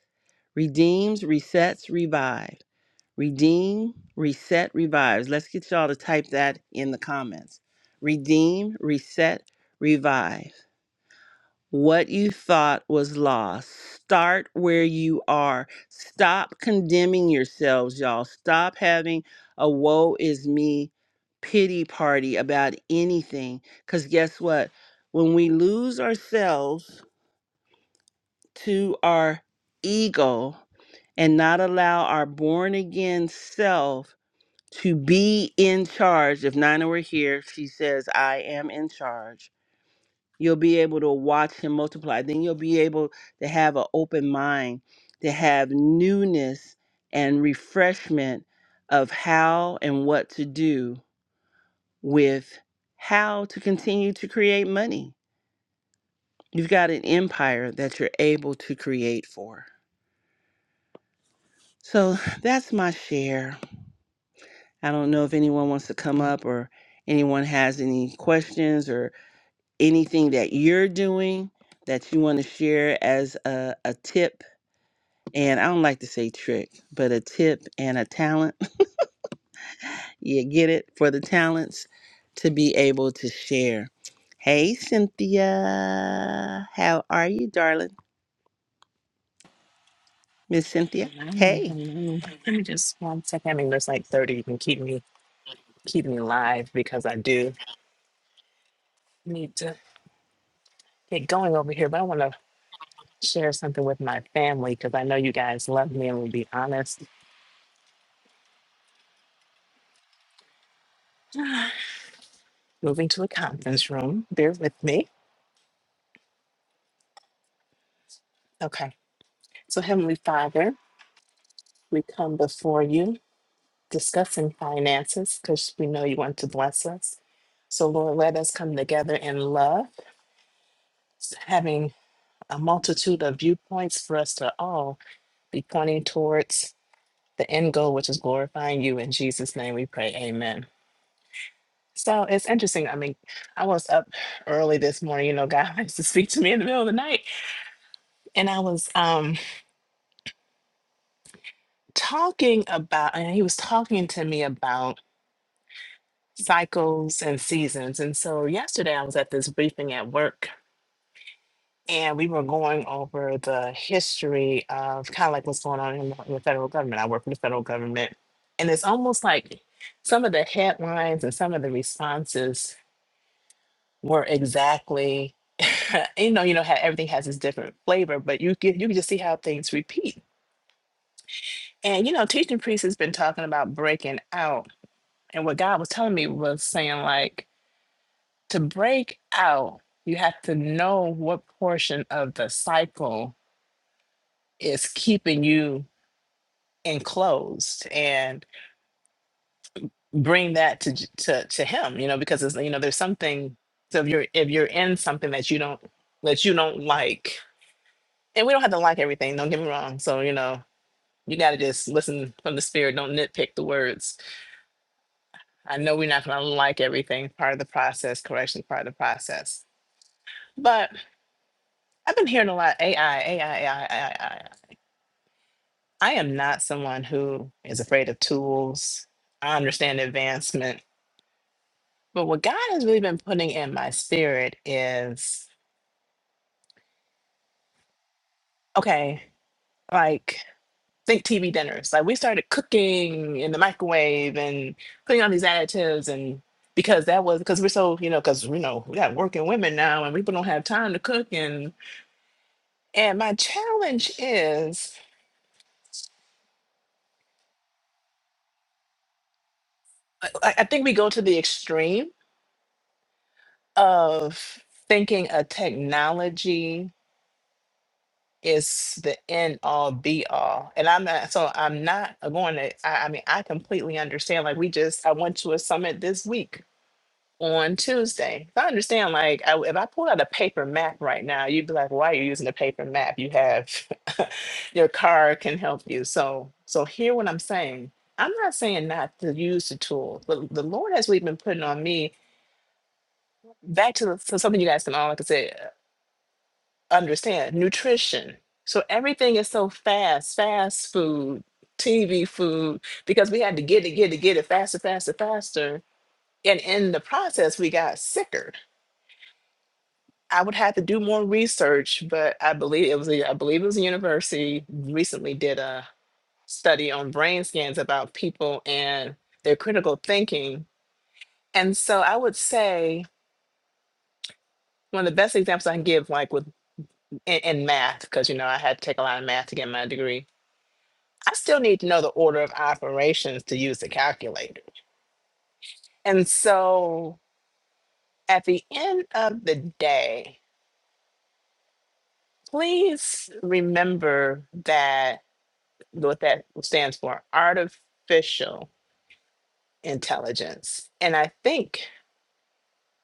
S1: Redeems, resets, revive. Redeem, reset, revives. Let's get y'all to type that in the comments. Redeem, reset, revive what you thought was lost. Start where you are. Stop condemning yourselves, y'all. Stop having a woe is me pity party about anything. Because guess what? When we lose ourselves to our ego and not allow our born again self to be in charge, if Nina were here, she says, I am in charge You'll be able to watch him multiply. Then you'll be able to have an open mind, to have newness and refreshment of how and what to do with how to continue to create money. You've got an empire that you're able to create for. So that's my share. I don't know if anyone wants to come up or anyone has any questions or anything that you're doing that you want to share as a, a tip and I don't like to say trick, but a tip and a talent. <laughs> you get it for the talents to be able to share. Hey, Cynthia. How are you, darling? Miss Cynthia.
S4: Hello,
S1: Hey.
S4: hello. Give me just one second. I mean, there's like 30. You can keep me keep me live because I do need to get going over here. But I want to share something with my family because I know you guys love me and will be honest. <sighs> Moving to a conference room. Bear with me. Okay. So, Heavenly Father, we come before you discussing finances because we know you want to bless us. So, Lord, let us come together in love, having a multitude of viewpoints for us to all be pointing towards the end goal, which is glorifying you. In Jesus' name we pray. Amen. So it's interesting. I mean, I was up early this morning, you know, God <laughs> likes to speak to me in the middle of the night. And I was um talking about and he was talking to me about cycles and seasons. And so yesterday I was at this briefing at work and we were going over the history of kind of like what's going on in the, in the federal government. I work for the federal government, and it's almost like some of the headlines and some of the responses were exactly, <laughs> you know, you know how everything has its different flavor, but you can, you can just see how things repeat. And you know, teaching priest has been talking about breaking out, and what God was telling me was saying like to break out, you have to know what portion of the cycle is keeping you enclosed and bring that to J- to to him you know because it's, you know there's something so if you're if you're in something that you don't that you don't like and we don't have to like everything don't get me wrong so you know you got to just listen from the spirit don't nitpick the words i know we're not going to like everything part of the process correction part of the process but i've been hearing a lot ai ai ai ai ai i A I. I am not someone who is afraid of tools i understand advancement But what God has really been putting in my spirit is okay, like think TV dinners. Like we started cooking in the microwave and putting on these additives and because that was because we're so you know because you know we got working women now and people don't have time to cook and and my challenge is I, I think we go to the extreme of thinking a technology is the end all be all. And I'm not, so I'm not going to, I, I mean, I completely understand. Like, we just, I went to a summit this week on Tuesday. So I understand, like, I, if I pulled out a paper map right now, you'd be like, why are you using a paper map? You have <laughs> your car can help you. So, so hear what I'm saying. I'm not saying not to use the tool, but the Lord has really been putting on me back to, the, to something you guys can all, like I said understand nutrition. So everything is so fast, fast food, TV food, because we had to get it, get it, get it faster, faster, faster. And in the process, we got sicker. I would have to do more research, but I believe it was a, I believe it was a university recently did a study on brain scans about people and their critical thinking. And so I would say one of the best examples I can give, like with in, in math, because you know I had to take a lot of math to get my degree I still need to know the order of operations to use the calculator. And so at the end of the day, please remember that what that stands for artificial intelligence. And I think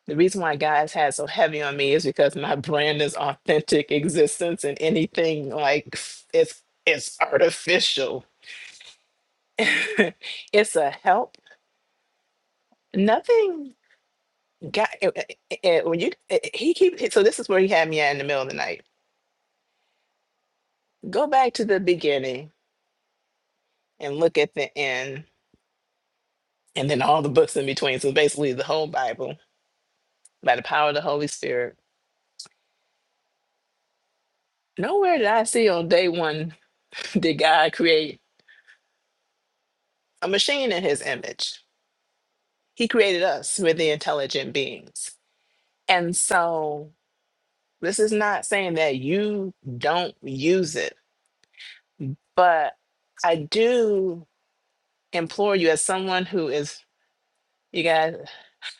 S4: the reason why guys had so heavy on me is because my brand is authentic existence and anything like it's it's artificial. <laughs> it's a help. Nothing God, it- it- it- when you eh, eh, he keep so this is where he had me at in the middle of the night. Go back to the beginning and look at the end, and then all the books in between. So basically, the whole Bible by the power of the Holy Spirit. Nowhere did I see on day one <laughs> did God create a machine in His image. He created us with the intelligent beings, and so this is not saying that you don't use it, but I do implore you as someone who is you guys.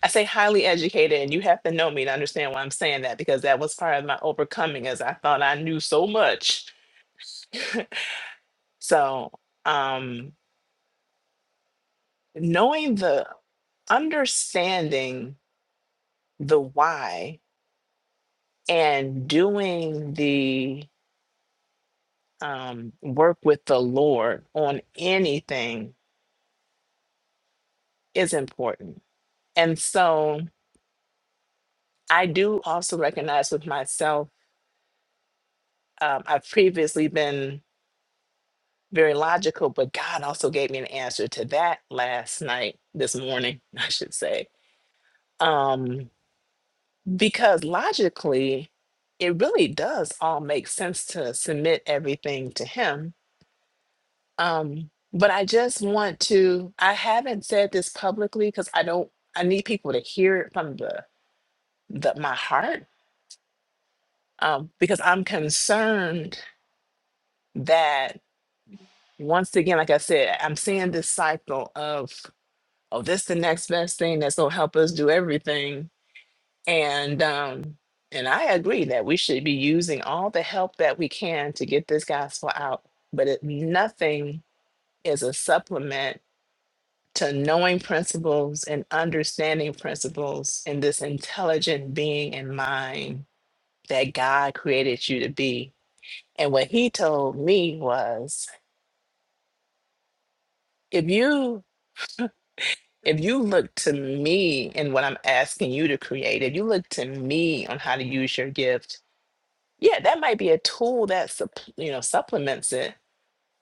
S4: I say highly educated, and you have to know me to understand why I'm saying that because that was part of my overcoming as I thought I knew so much. So um knowing the understanding the why and doing the um, work with the Lord on anything is important. And so I do also recognize with myself, um, I've previously been very logical, but God also gave me an answer to that last night, this morning, <laughs> I should say. Um, because logically, it really does all make sense to submit everything to Him. Um, but I just want to, I haven't said this publicly because I don't, I need people to hear it from the, the my heart um, because I'm concerned that once again, like I said, I'm seeing this cycle of. oh, this the next best thing that's gonna help us do everything. And um, and I agree that we should be using all the help that we can to get this gospel out. But it, nothing is a supplement to knowing principles and understanding principles in this intelligent being and mind that God created you to be. And what he told me was, if you if you look to me and what I'm asking you to create, if you look to me on how to use your gift, yeah, that might be a tool that supp- you know supplements it.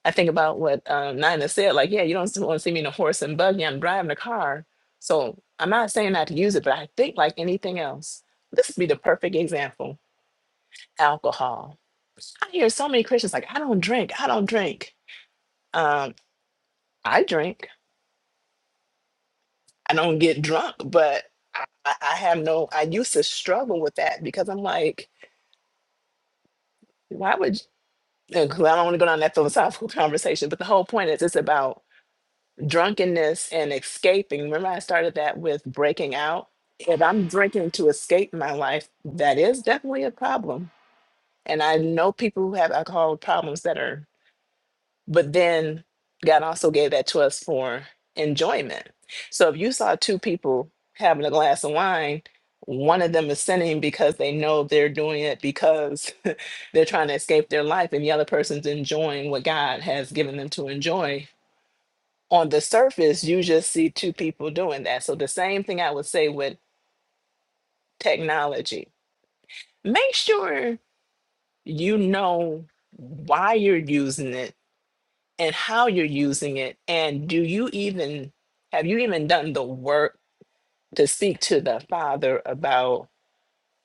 S4: I think about what um, Nina said, like, yeah, you don't want to see me in a horse and buggy. I'm driving a car, so I'm not saying not to use it, but I think like anything else, this would be the perfect example. Alcohol. I hear so many Christians like, I don't drink. I don't drink. Um, I drink I don't get drunk, but I, I I have no. I used to struggle with that because I'm like, why would? Because I don't want to go down that philosophical <laughs> conversation. But the whole point is, it's about drunkenness and escaping. Remember, I started that with breaking out. If I'm drinking to escape my life, that is definitely a problem. And I know people who have alcohol problems that are But then God also gave that to us for enjoyment. So if you saw two people having a glass of wine, one of them is sinning because they know they're doing it because <laughs> they're trying to escape their life, and the other person's enjoying what God has given them to enjoy. On the surface, you just see two people doing that. So the same thing I would say with technology. Make sure you know why you're using it and how you're using it and do you even have you even done the work to speak to the father about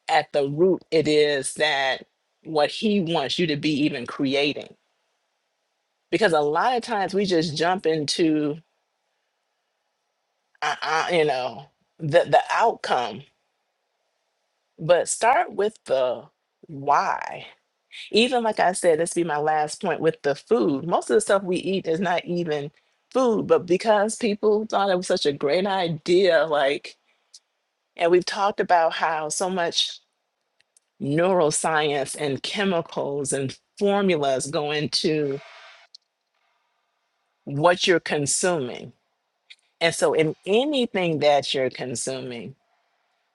S4: at the root it is that what he wants you to be even creating because a lot of times we just jump into uh, uh, you know the the outcome but start with the why even like I said, this be my last point with the food. Most of the stuff we eat is not even food, but because people thought it was such a great idea, like, and we've talked about how so much neuroscience and chemicals and formulas go into what you're consuming. And so, in anything that you're consuming,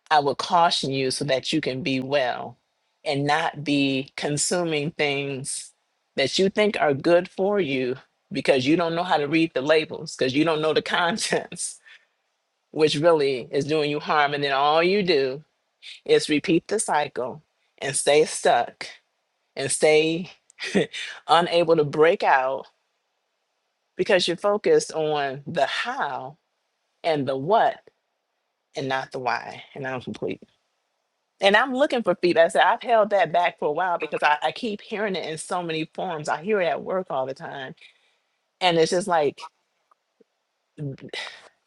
S4: I would caution you so that you can be well and not be consuming things that you think are good for you because you don't know how to read the labels, because you don't know the contents, <laughs> which really is doing you harm. And then all you do is repeat the cycle and stay stuck and stay <laughs> unable to break out because you're focused on the how and the what and not the why. And I'm complete. and I'm looking for feedback. I said I've held that back for a while because I, I keep hearing it in so many forms. I hear it at work all the time. And it's just like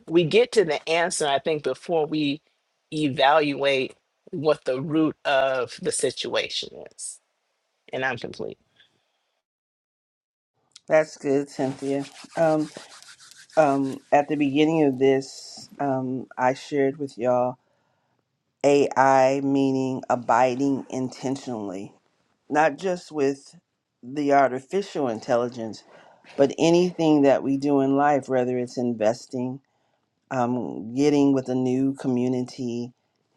S4: we get to the answer, I think, before we evaluate what the root of the situation is. And I'm complete.
S1: That's good, Cynthia. Um, um, at the beginning of this, um, I shared with y'all AI meaning abiding intentionally, not just with the artificial intelligence, but anything that we do in life, whether it's investing um, getting with a new community.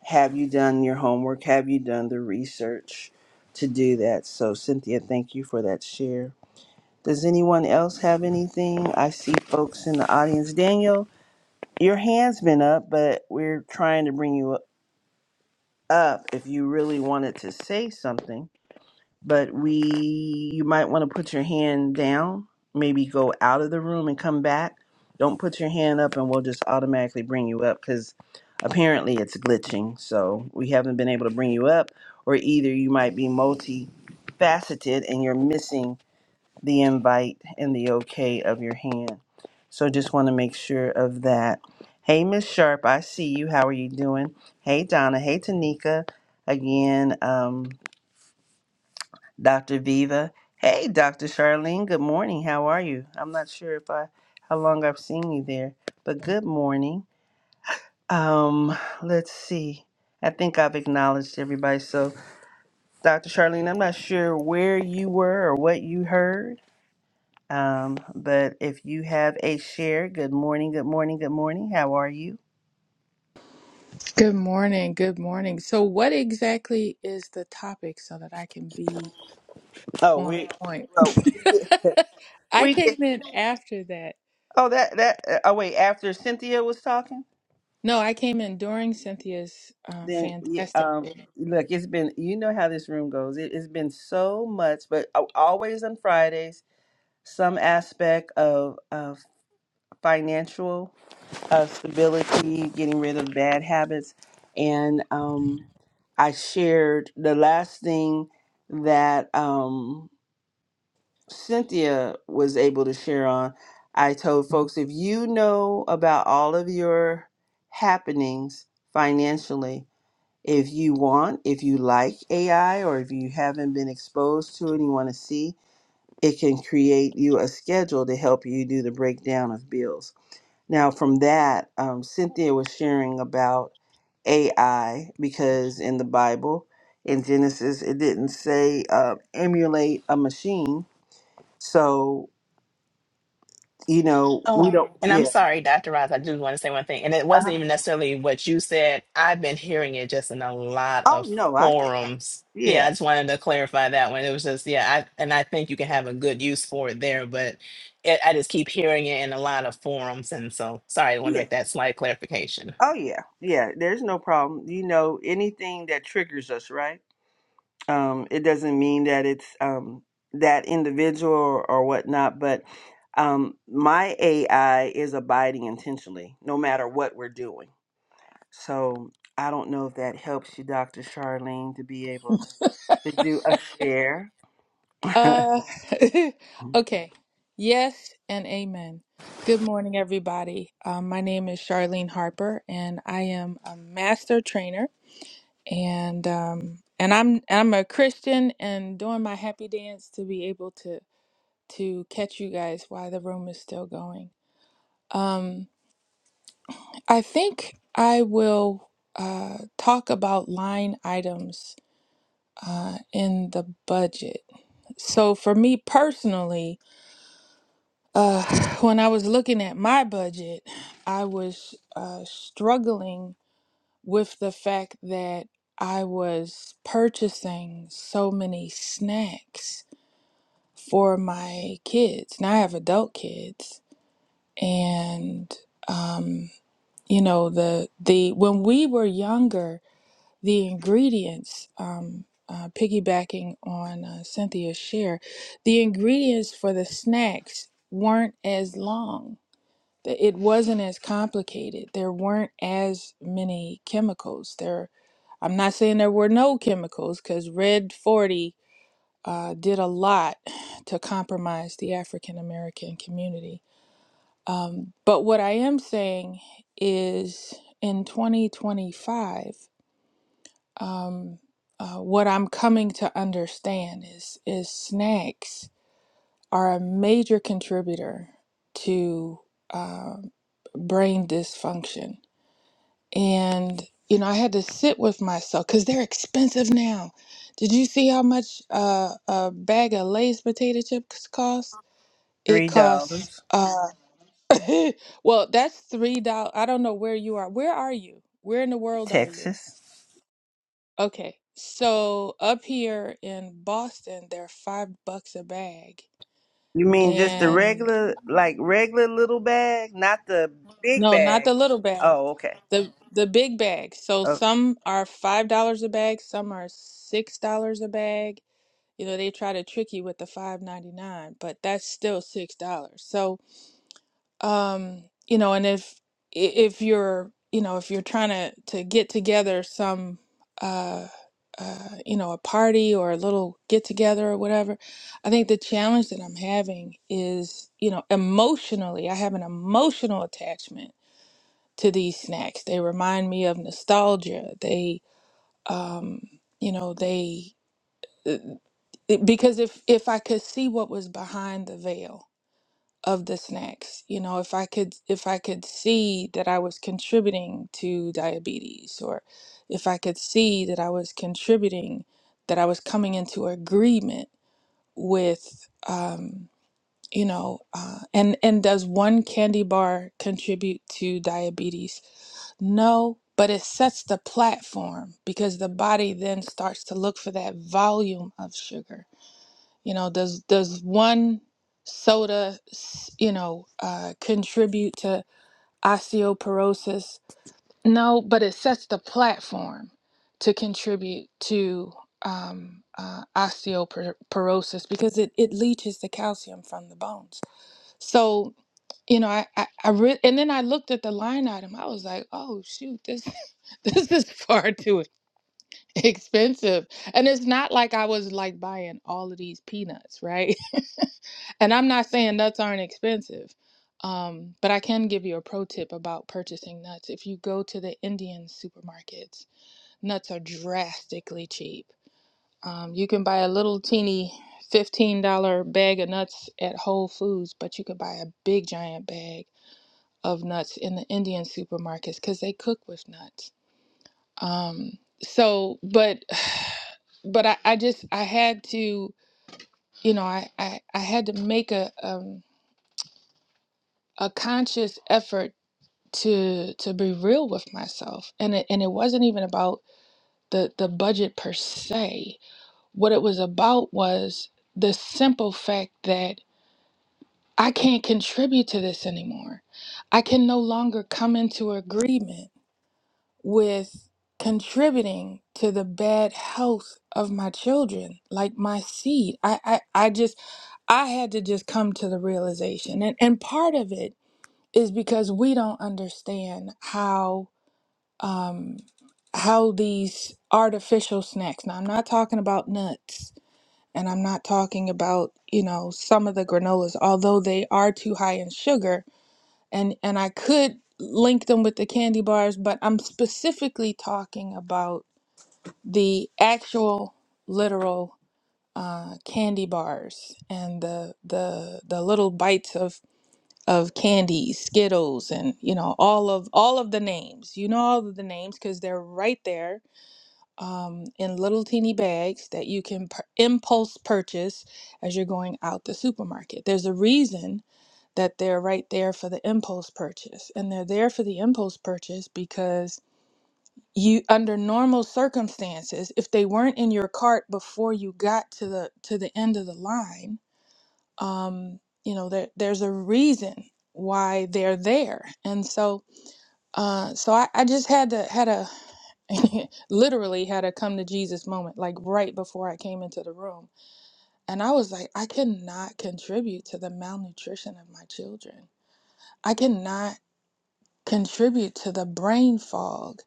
S1: Have you done your homework? Have you done the research to do that? So, Cynthia, thank you for that share. Does anyone else have anything? I see folks in the audience. Daniel, your hand's been up, but we're trying to bring you up if you really wanted to say something but we you might want to put your hand down maybe go out of the room and come back don't put your hand up and we'll just automatically bring you up because apparently it's glitching so we haven't been able to bring you up or either you might be multifaceted and you're missing the invite and the okay of your hand so just want to make sure of that hey miss sharp i see you how are you doing hey donna hey tanika again um, Dr. Viva. Hey, Dr. Charlene. Good morning. How are you? I'm not sure if I how long I've seen you there, but good morning. Um, let's see. I think I've acknowledged everybody. So, Dr. Charlene, I'm not sure where you were or what you heard. Um, but if you have a share, good morning, good morning, good morning. How are you?
S5: Good morning. Good morning. So, what exactly is the topic so that I can be
S1: Oh,
S5: on
S1: we,
S5: point?
S1: oh, we did.
S5: <laughs> I
S1: We did.
S5: came in after that.
S1: Oh, that that. uh, Oh, wait. After Cynthia was talking.
S5: No, I came in during Cynthia's uh,
S1: Then, y-
S5: fantastic.
S1: um, look, it's been, you know how this room goes. It, it's been so much, but a- always on Fridays, some aspect of, of financial uh, stability, getting rid of bad habits. And um, I shared the last thing that um, Cynthia was able to share on. I told folks if you know about all of your happenings financially, if you want, if you like AI or if you haven't been exposed to it and you want to see, it can create you a schedule to help you do the breakdown of bills. Now, from that, um, Cynthia was sharing about AI because in the Bible, in Genesis, it didn't say uh, emulate a machine. So, you know, we
S4: Oh,
S1: don't,
S4: and I'm
S1: yeah.
S4: sorry, Dr. Roz, I just want to say one thing. And it wasn't
S1: Uh-huh.
S4: even necessarily what you said. I've been hearing it just in a lot
S1: Oh,
S4: of
S1: no, I,
S4: forums. Yeah, I
S1: yeah,
S4: just wanted to clarify that one. It was just, yeah, I, and I think you can have a good use for it there, but it, I just keep hearing it in a lot of forums. And so, sorry, I want to
S1: yeah.
S4: make that slight clarification.
S1: Oh yeah, yeah. There's no problem. You know, anything that triggers us, right? Um, it doesn't mean that it's um, that individual or, or whatnot, but um, my AI is abiding intentionally, no matter what we're doing. So I don't know if that helps you, Doctor Charlene, to be able to do a share. <laughs>
S5: Uh, <laughs> okay. Yes and amen. Good morning, everybody. Um, my name is Charlene Harper, and I am a master trainer, and um, and I'm I'm a Christian, and doing my happy dance to be able to to catch you guys while the room is still going. Um, I think I will uh, talk about line items uh, in the budget. So, for me personally, uh, <sighs> when I was looking at my budget, I was uh, struggling with the fact that I was purchasing so many snacks for my kids. Now I have adult kids and um, you know the the when we were younger, the ingredients. Um, uh, piggybacking on uh, Cynthia's share, the ingredients for the snacks weren't as long. The- It wasn't as complicated. There weren't as many chemicals. There, I'm not saying there were no chemicals because Red 40 uh, did a lot to compromise the African American community um, but what I am saying is in 2025, um, uh, what I'm coming to understand is is snacks are a major contributor to um brain dysfunction. And you know, I had to sit with myself because they're expensive now. Did you see how much uh, a bag of Lay's potato chips cost? It
S1: Three
S5: costs.
S1: dollars,
S5: uh, <laughs> well, that's three dollars. I don't know where you are. Where are you? Where in the world are you?
S1: Texas.
S5: Okay, so up here in Boston, they're five bucks a bag,
S1: You mean just the
S5: and
S1: regular, like regular little bag, not the big
S5: no, not
S1: bag?
S5: the little bag,
S1: Oh, okay.
S5: the the big bag. So some are five dollars a bag, some are six dollars a bag. You know, they try to trick you with the five ninety nine, but that's still six dollars. So um you know and if i- if you're you know if you're trying to to get together some uh uh you know a party or a little get together or whatever i think the challenge that i'm having is you know emotionally i have an emotional attachment to these snacks they remind me of nostalgia they um you know they uh, because if if i could see what was behind the veil of the snacks you know if i could if i could see that i was contributing to diabetes or if i could see that i was contributing that i was coming into agreement with um you know uh, and and does one candy bar contribute to diabetes no but it sets the platform because the body then starts to look for that volume of sugar you know, does does one soda, s- you know, uh, contribute to osteoporosis? No, but it sets the platform to contribute to um, uh, osteoporosis because it it leaches the calcium from the bones. So you know, I I, I re- and then I looked at the line item. I was like, oh shoot, this <laughs> this is far too <laughs> expensive and it's not like i was like buying all of these peanuts right <laughs> and i'm not saying nuts aren't expensive um, but i can give you a pro tip about purchasing nuts if you go to the indian supermarkets nuts are drastically cheap um, you can buy a little teeny $15 bag of nuts at whole foods but you can buy a big giant bag of nuts in the indian supermarkets because they cook with nuts um, so, but, <sighs> but I, I just, I had to, you know, I, I, I had to make a, um, a conscious effort to, to be real with myself. And it, and it wasn't even about the, the budget per se. What it was about was the simple fact that I can't contribute to this anymore. I can no longer come into agreement with contributing to the bad health of my children like my seed i i, I just i had to just come to the realization and and part of it is because we don't understand how um how these artificial snacks now i'm not talking about nuts and i'm not talking about you know some of the granolas although they are too high in sugar and and I could link them with the candy bars, but I'm specifically talking about the actual literal uh, candy bars and the the the little bites of of candy, Skittles, and you know all of all of the names. You know all of the names because they're right there um, in little teeny bags that you can pur- impulse purchase as you're going out the supermarket. There's a reason that they're right there for the impulse purchase. And they're there for the impulse purchase because you under normal circumstances, if they weren't in your cart before you got to the to the end of the line, um, you know, there there's a reason why they're there. And so uh so I, I just had to had a <laughs> literally had a come to Jesus moment, like right before I came into the room. And I was like, I cannot contribute to the malnutrition of my children. I cannot. contribute to the brain fog.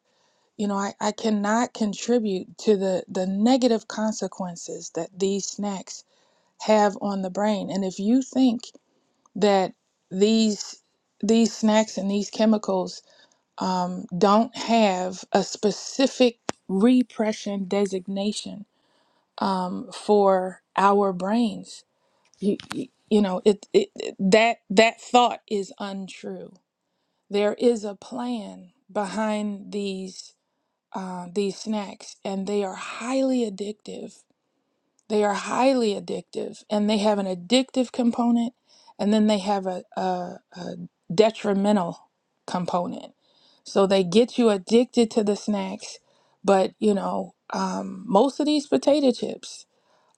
S5: You know, I, I cannot contribute to the, the negative consequences that these snacks have on the brain. And if you think that these these snacks and these chemicals um, don't have a specific repression designation um, for our brains, you, you you know, it, it it- that that thought is untrue there is a plan behind these uh, these snacks, and they are highly addictive. They are highly addictive, and they have an addictive component, and then they have a, a, a detrimental component. So they get you addicted to the snacks, but you know, um, most of these potato chips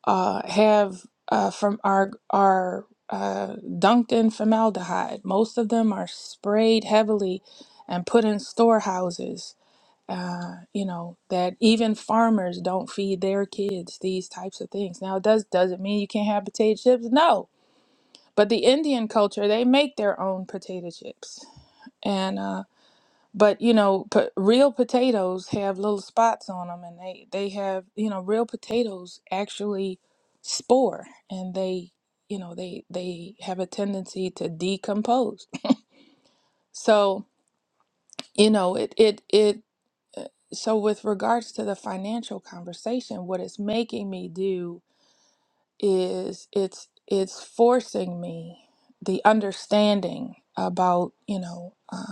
S5: uh, have uh, from are are uh, dunked in formaldehyde. Most of them are sprayed heavily and put in storehouses. Uh, you know that even farmers don't feed their kids these types of things. Now, it does does it mean you can't have potato chips? No, but the Indian culture they make their own potato chips, and uh, but you know, p- real potatoes have little spots on them, and they they have you know real potatoes actually spore, and they you know they they have a tendency to decompose. So you know it it it. uh, So with regards to the financial conversation, what it's making me do is it's it's forcing me the understanding about you know. uh,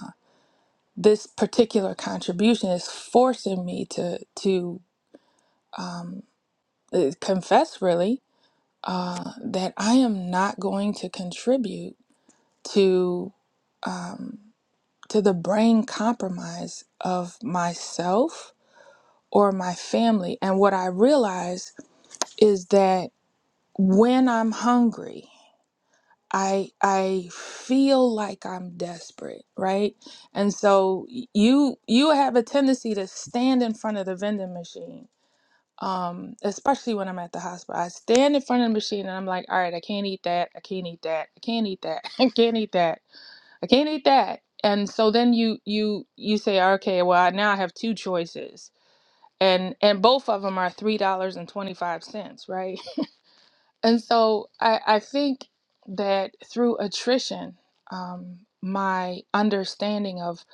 S5: this particular contribution is forcing me to to um, uh, confess really uh, that I am not going to contribute to um, to the brain compromise of myself or my family. And what I realize is that when I'm hungry I I feel like I'm desperate, right? And so you you have a tendency to stand in front of the vending machine. Um, especially when I'm at the hospital. I stand in front of the machine and I'm like, all right, I can't eat that, I can't eat that, I can't eat that, <laughs> I can't eat that, I can't eat that. And so then you you you say, okay, well I, now I have two choices. And and both of them are three dollars and twenty five cents, right? And so I, I think that through attrition, um, my understanding of,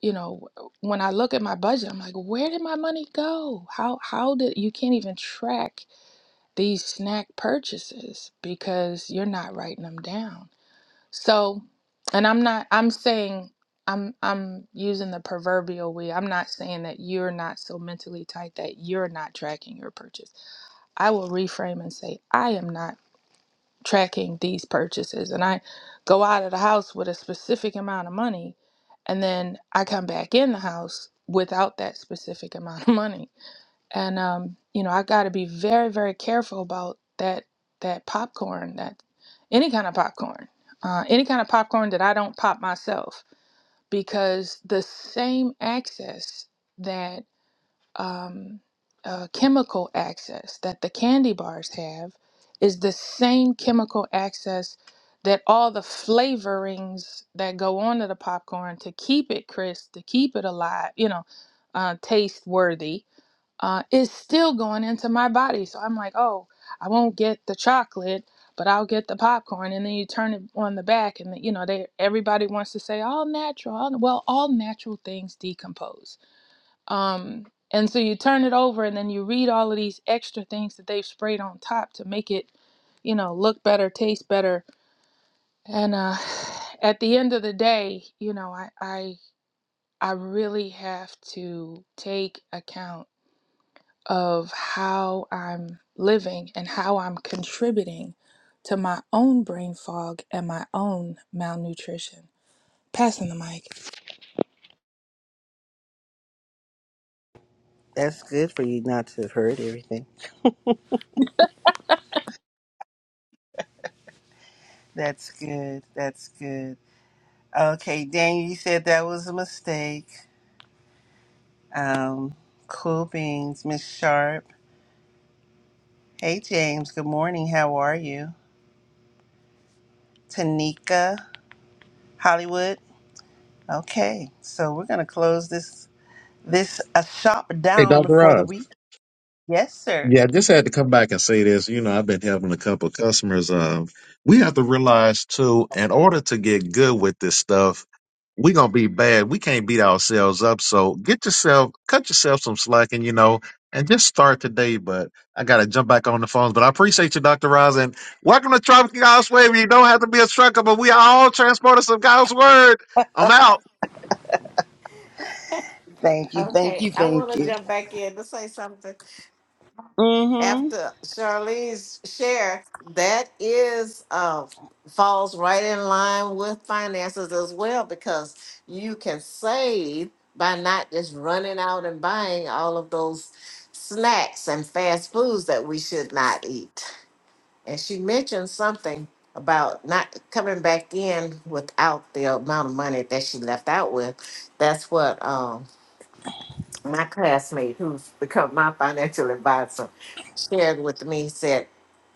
S5: you know, when I look at my budget, I'm like, where did my money go? How how did you can't even track these snack purchases because you're not writing them down. So, and I'm not I'm saying I'm I'm using the proverbial we. I'm not saying that you're not so mentally tight that you're not tracking your purchase. I will reframe and say I am not tracking these purchases and I go out of the house with a specific amount of money and then I come back in the house without that specific <laughs> amount of money. And um, you know, I got to be very very careful about that that popcorn, that any kind of popcorn. Uh, any kind of popcorn that I don't pop myself because the same access that um, uh, chemical access that the candy bars have is the same chemical access that all the flavorings that go onto the popcorn to keep it crisp, to keep it alive, you know, uh, taste worthy, uh, is still going into my body. So I'm like, oh, I won't get the chocolate, but I'll get the popcorn. And then you turn it on the back, and you know, they everybody wants to say all natural. All, well, all natural things decompose um, and so you turn it over and then you read all of these extra things that they've sprayed on top to make it, you know, look better, taste better. And uh, <sighs> at the end of the day, you know, I, I I really have to take account of how I'm living and how I'm contributing to my own brain fog and my own malnutrition. Passing the mic.
S1: That's good for you not to have heard everything. That's good. That's good. Okay, Daniel, you said that was a mistake. Um, cool beans, Miss Sharp. Hey, James. Good morning. How are you? Tanika, Hollywood. Okay, so we're gonna close this this a shop
S2: Hey,
S1: down
S2: Dr.
S1: for the
S2: Rob.
S1: week. Yes, sir.
S2: Yeah, I just had to come back and say this. You know, I've been having a couple of customers. Um, we have to realize too, in order to get good with this stuff, we're gonna be bad. We can't beat ourselves up. So get yourself, cut yourself some slack, and you know, and just start today. But I gotta jump back on the phones. But I appreciate you, Doctor Roz, and welcome to Tropical God's Way. You don't have to be a trucker, but we are all transporters of God's word. I'm out.
S1: Thank you. Thank
S3: Okay,
S1: you.
S3: I want
S1: Thank
S3: to
S1: you.
S3: jump back in to say something
S1: Mm-hmm.
S3: after Charlene's share. That is uh falls right in line with finances as well because you can save by not just running out and buying all of those snacks and fast foods that we should not eat. and she mentioned something about not coming back in without the amount of money that she left out with. That's what um, my classmate, who's become my financial advisor, shared with me. He Said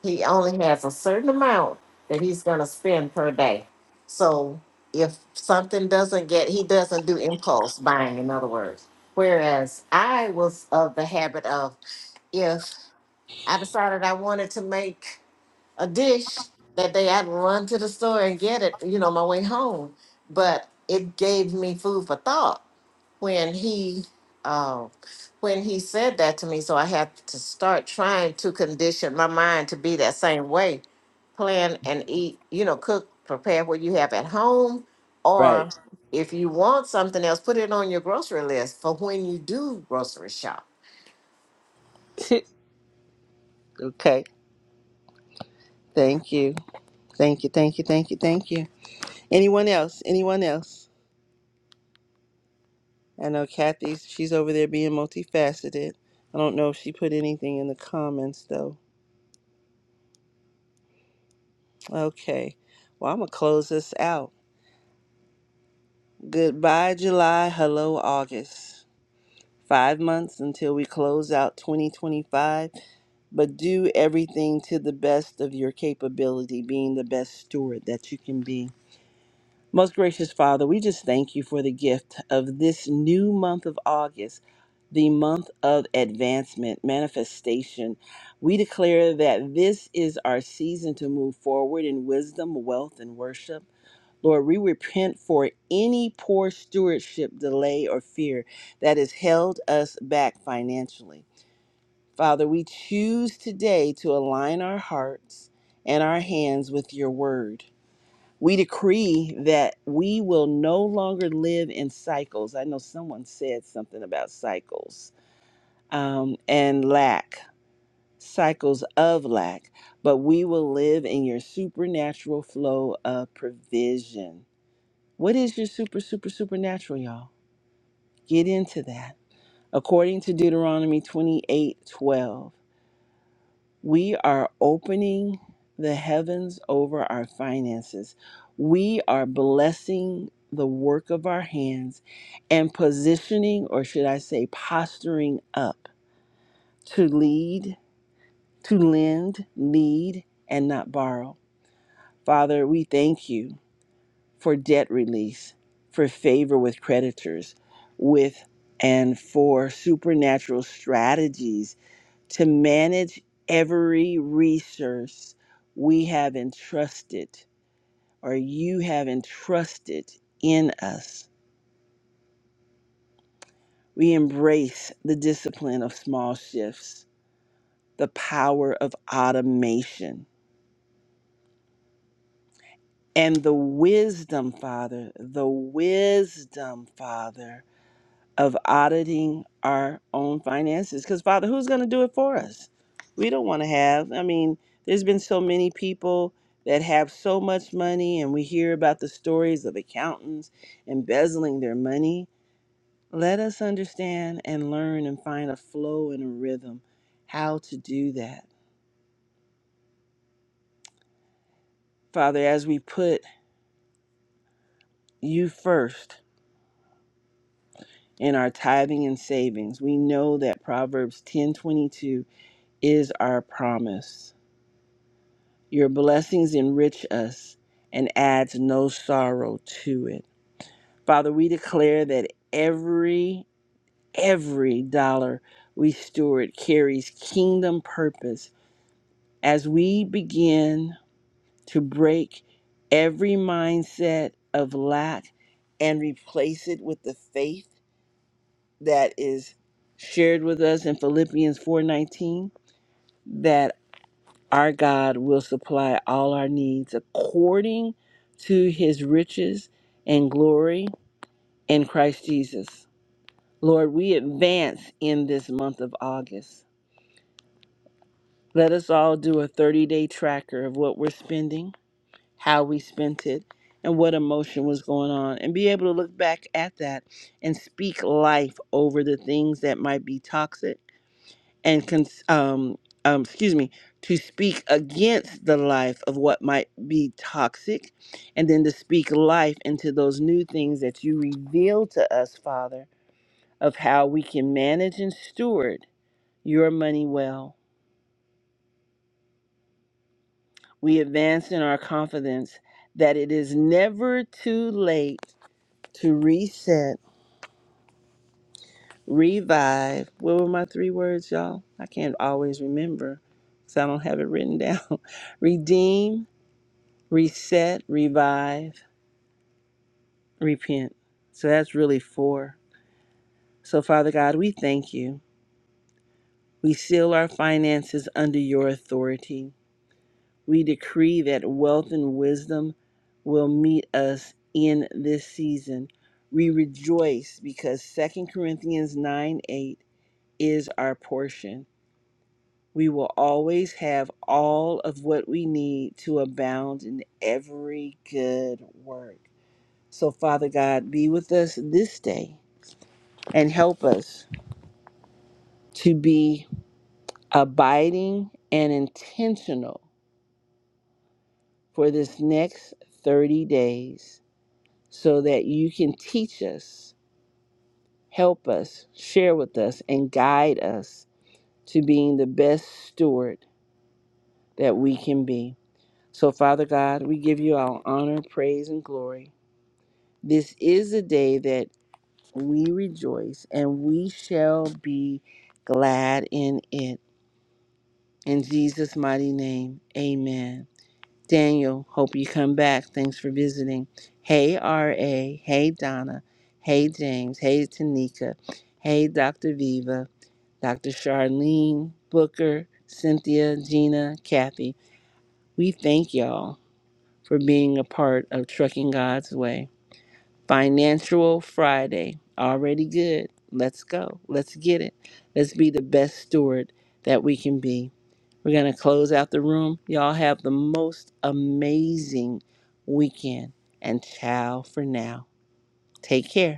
S3: he only has a certain amount that he's going to spend per day. So if something doesn't get, he doesn't do impulse buying, in other words. Whereas I was of the habit of if I decided I wanted to make a dish that they had to run to the store and get it, you know, my way home. But it gave me food for thought when he uh, when he said that to me. So I had to start trying to condition my mind to be that same way. Plan and eat, you know, cook, prepare what you have at home, or if you want something else, put it on your grocery list for when you do grocery shop
S1: <laughs> okay. Thank you. Thank you. Thank you. Thank you. Thank you. Anyone else? Anyone else? I know Kathy, she's over there being multifaceted. I don't know if she put anything in the comments though. Okay. Well, I'm going to close this out. Goodbye, July. Hello, August. Five months until we close out 2025, but do everything to the best of your capability, being the best steward that you can be Most gracious Father, we just thank you for the gift of this new month of August, the month of advancement, manifestation. We declare that this is our season to move forward in wisdom, wealth, and worship. Lord, we repent for any poor stewardship, delay, or fear that has held us back financially. Father, we choose today to align our hearts and our hands with your word. We decree that we will no longer live in cycles. I know someone said something about cycles um, and lack, cycles of lack, but we will live in your supernatural flow of provision. What is your super, super, supernatural, y'all? Get into that. According to Deuteronomy twenty-eight twelve. We are opening the heavens over our finances. We are blessing the work of our hands and positioning, or should I say, posturing up to lead, to lend, lead, and not borrow. Father, we thank you for debt release, for favor with creditors, with and for supernatural strategies to manage every resource we have entrusted or you have entrusted in us. We embrace the discipline of small shifts, the power of automation, and the wisdom, Father, the wisdom, Father of auditing our own finances because father who's going to do it for us we don't want to have i mean there's been so many people that have so much money and we hear about the stories of accountants embezzling their money let us understand and learn and find a flow and a rhythm how to do that father as we put you first in our tithing and savings we know that proverbs 10:22 is our promise Your blessings enrich us and adds no sorrow to it. Father, we declare that every every dollar we steward carries kingdom purpose as we begin to break every mindset of lack and replace it with the faith that is shared with us in Philippians 4:19 that Our God will supply all our needs according to his riches and glory in Christ Jesus. Lord, we advance in this month of August. Let us all do a 30 day tracker of what we're spending, how we spent it, and what emotion was going on, and be able to look back at that and speak life over the things that might be toxic and cons- um, um, excuse me to speak against the life of what might be toxic and then to speak life into those new things that you reveal to us father of how we can manage and steward your money well we advance in our confidence that it is never too late to reset revive what were my three words y'all i can't always remember because i don't have it written down <laughs> redeem reset, revive, repent. So that's really four. So, Father God, we thank you. We seal our finances under your authority. We decree that wealth and wisdom will meet us in this season. We rejoice because Second Corinthians 9 8 is our portion. We will always have all of what we need to abound in every good work. So, Father God, be with us this day and help us to be abiding and intentional for this next 30 days so that you can teach us, help us, share with us, and guide us to being the best steward that we can be. So, Father God, we give you our honor, praise, and glory. This is a day that we rejoice and we shall be glad in it. In Jesus' mighty name, amen. Daniel, hope you come back. Thanks for visiting. Hey, R.A. Hey, Donna. Hey, James. Hey, Tanika. Hey, Dr. Viva. Dr. Charlene, Booker, Cynthia, Gina, Kathy. We thank y'all for being a part of Trucking God's Way. Financial Friday. Already good. Let's go. Let's get it. Let's be the best steward that we can be. We're going to close out the room. Y'all have the most amazing weekend and ciao for now. Take care.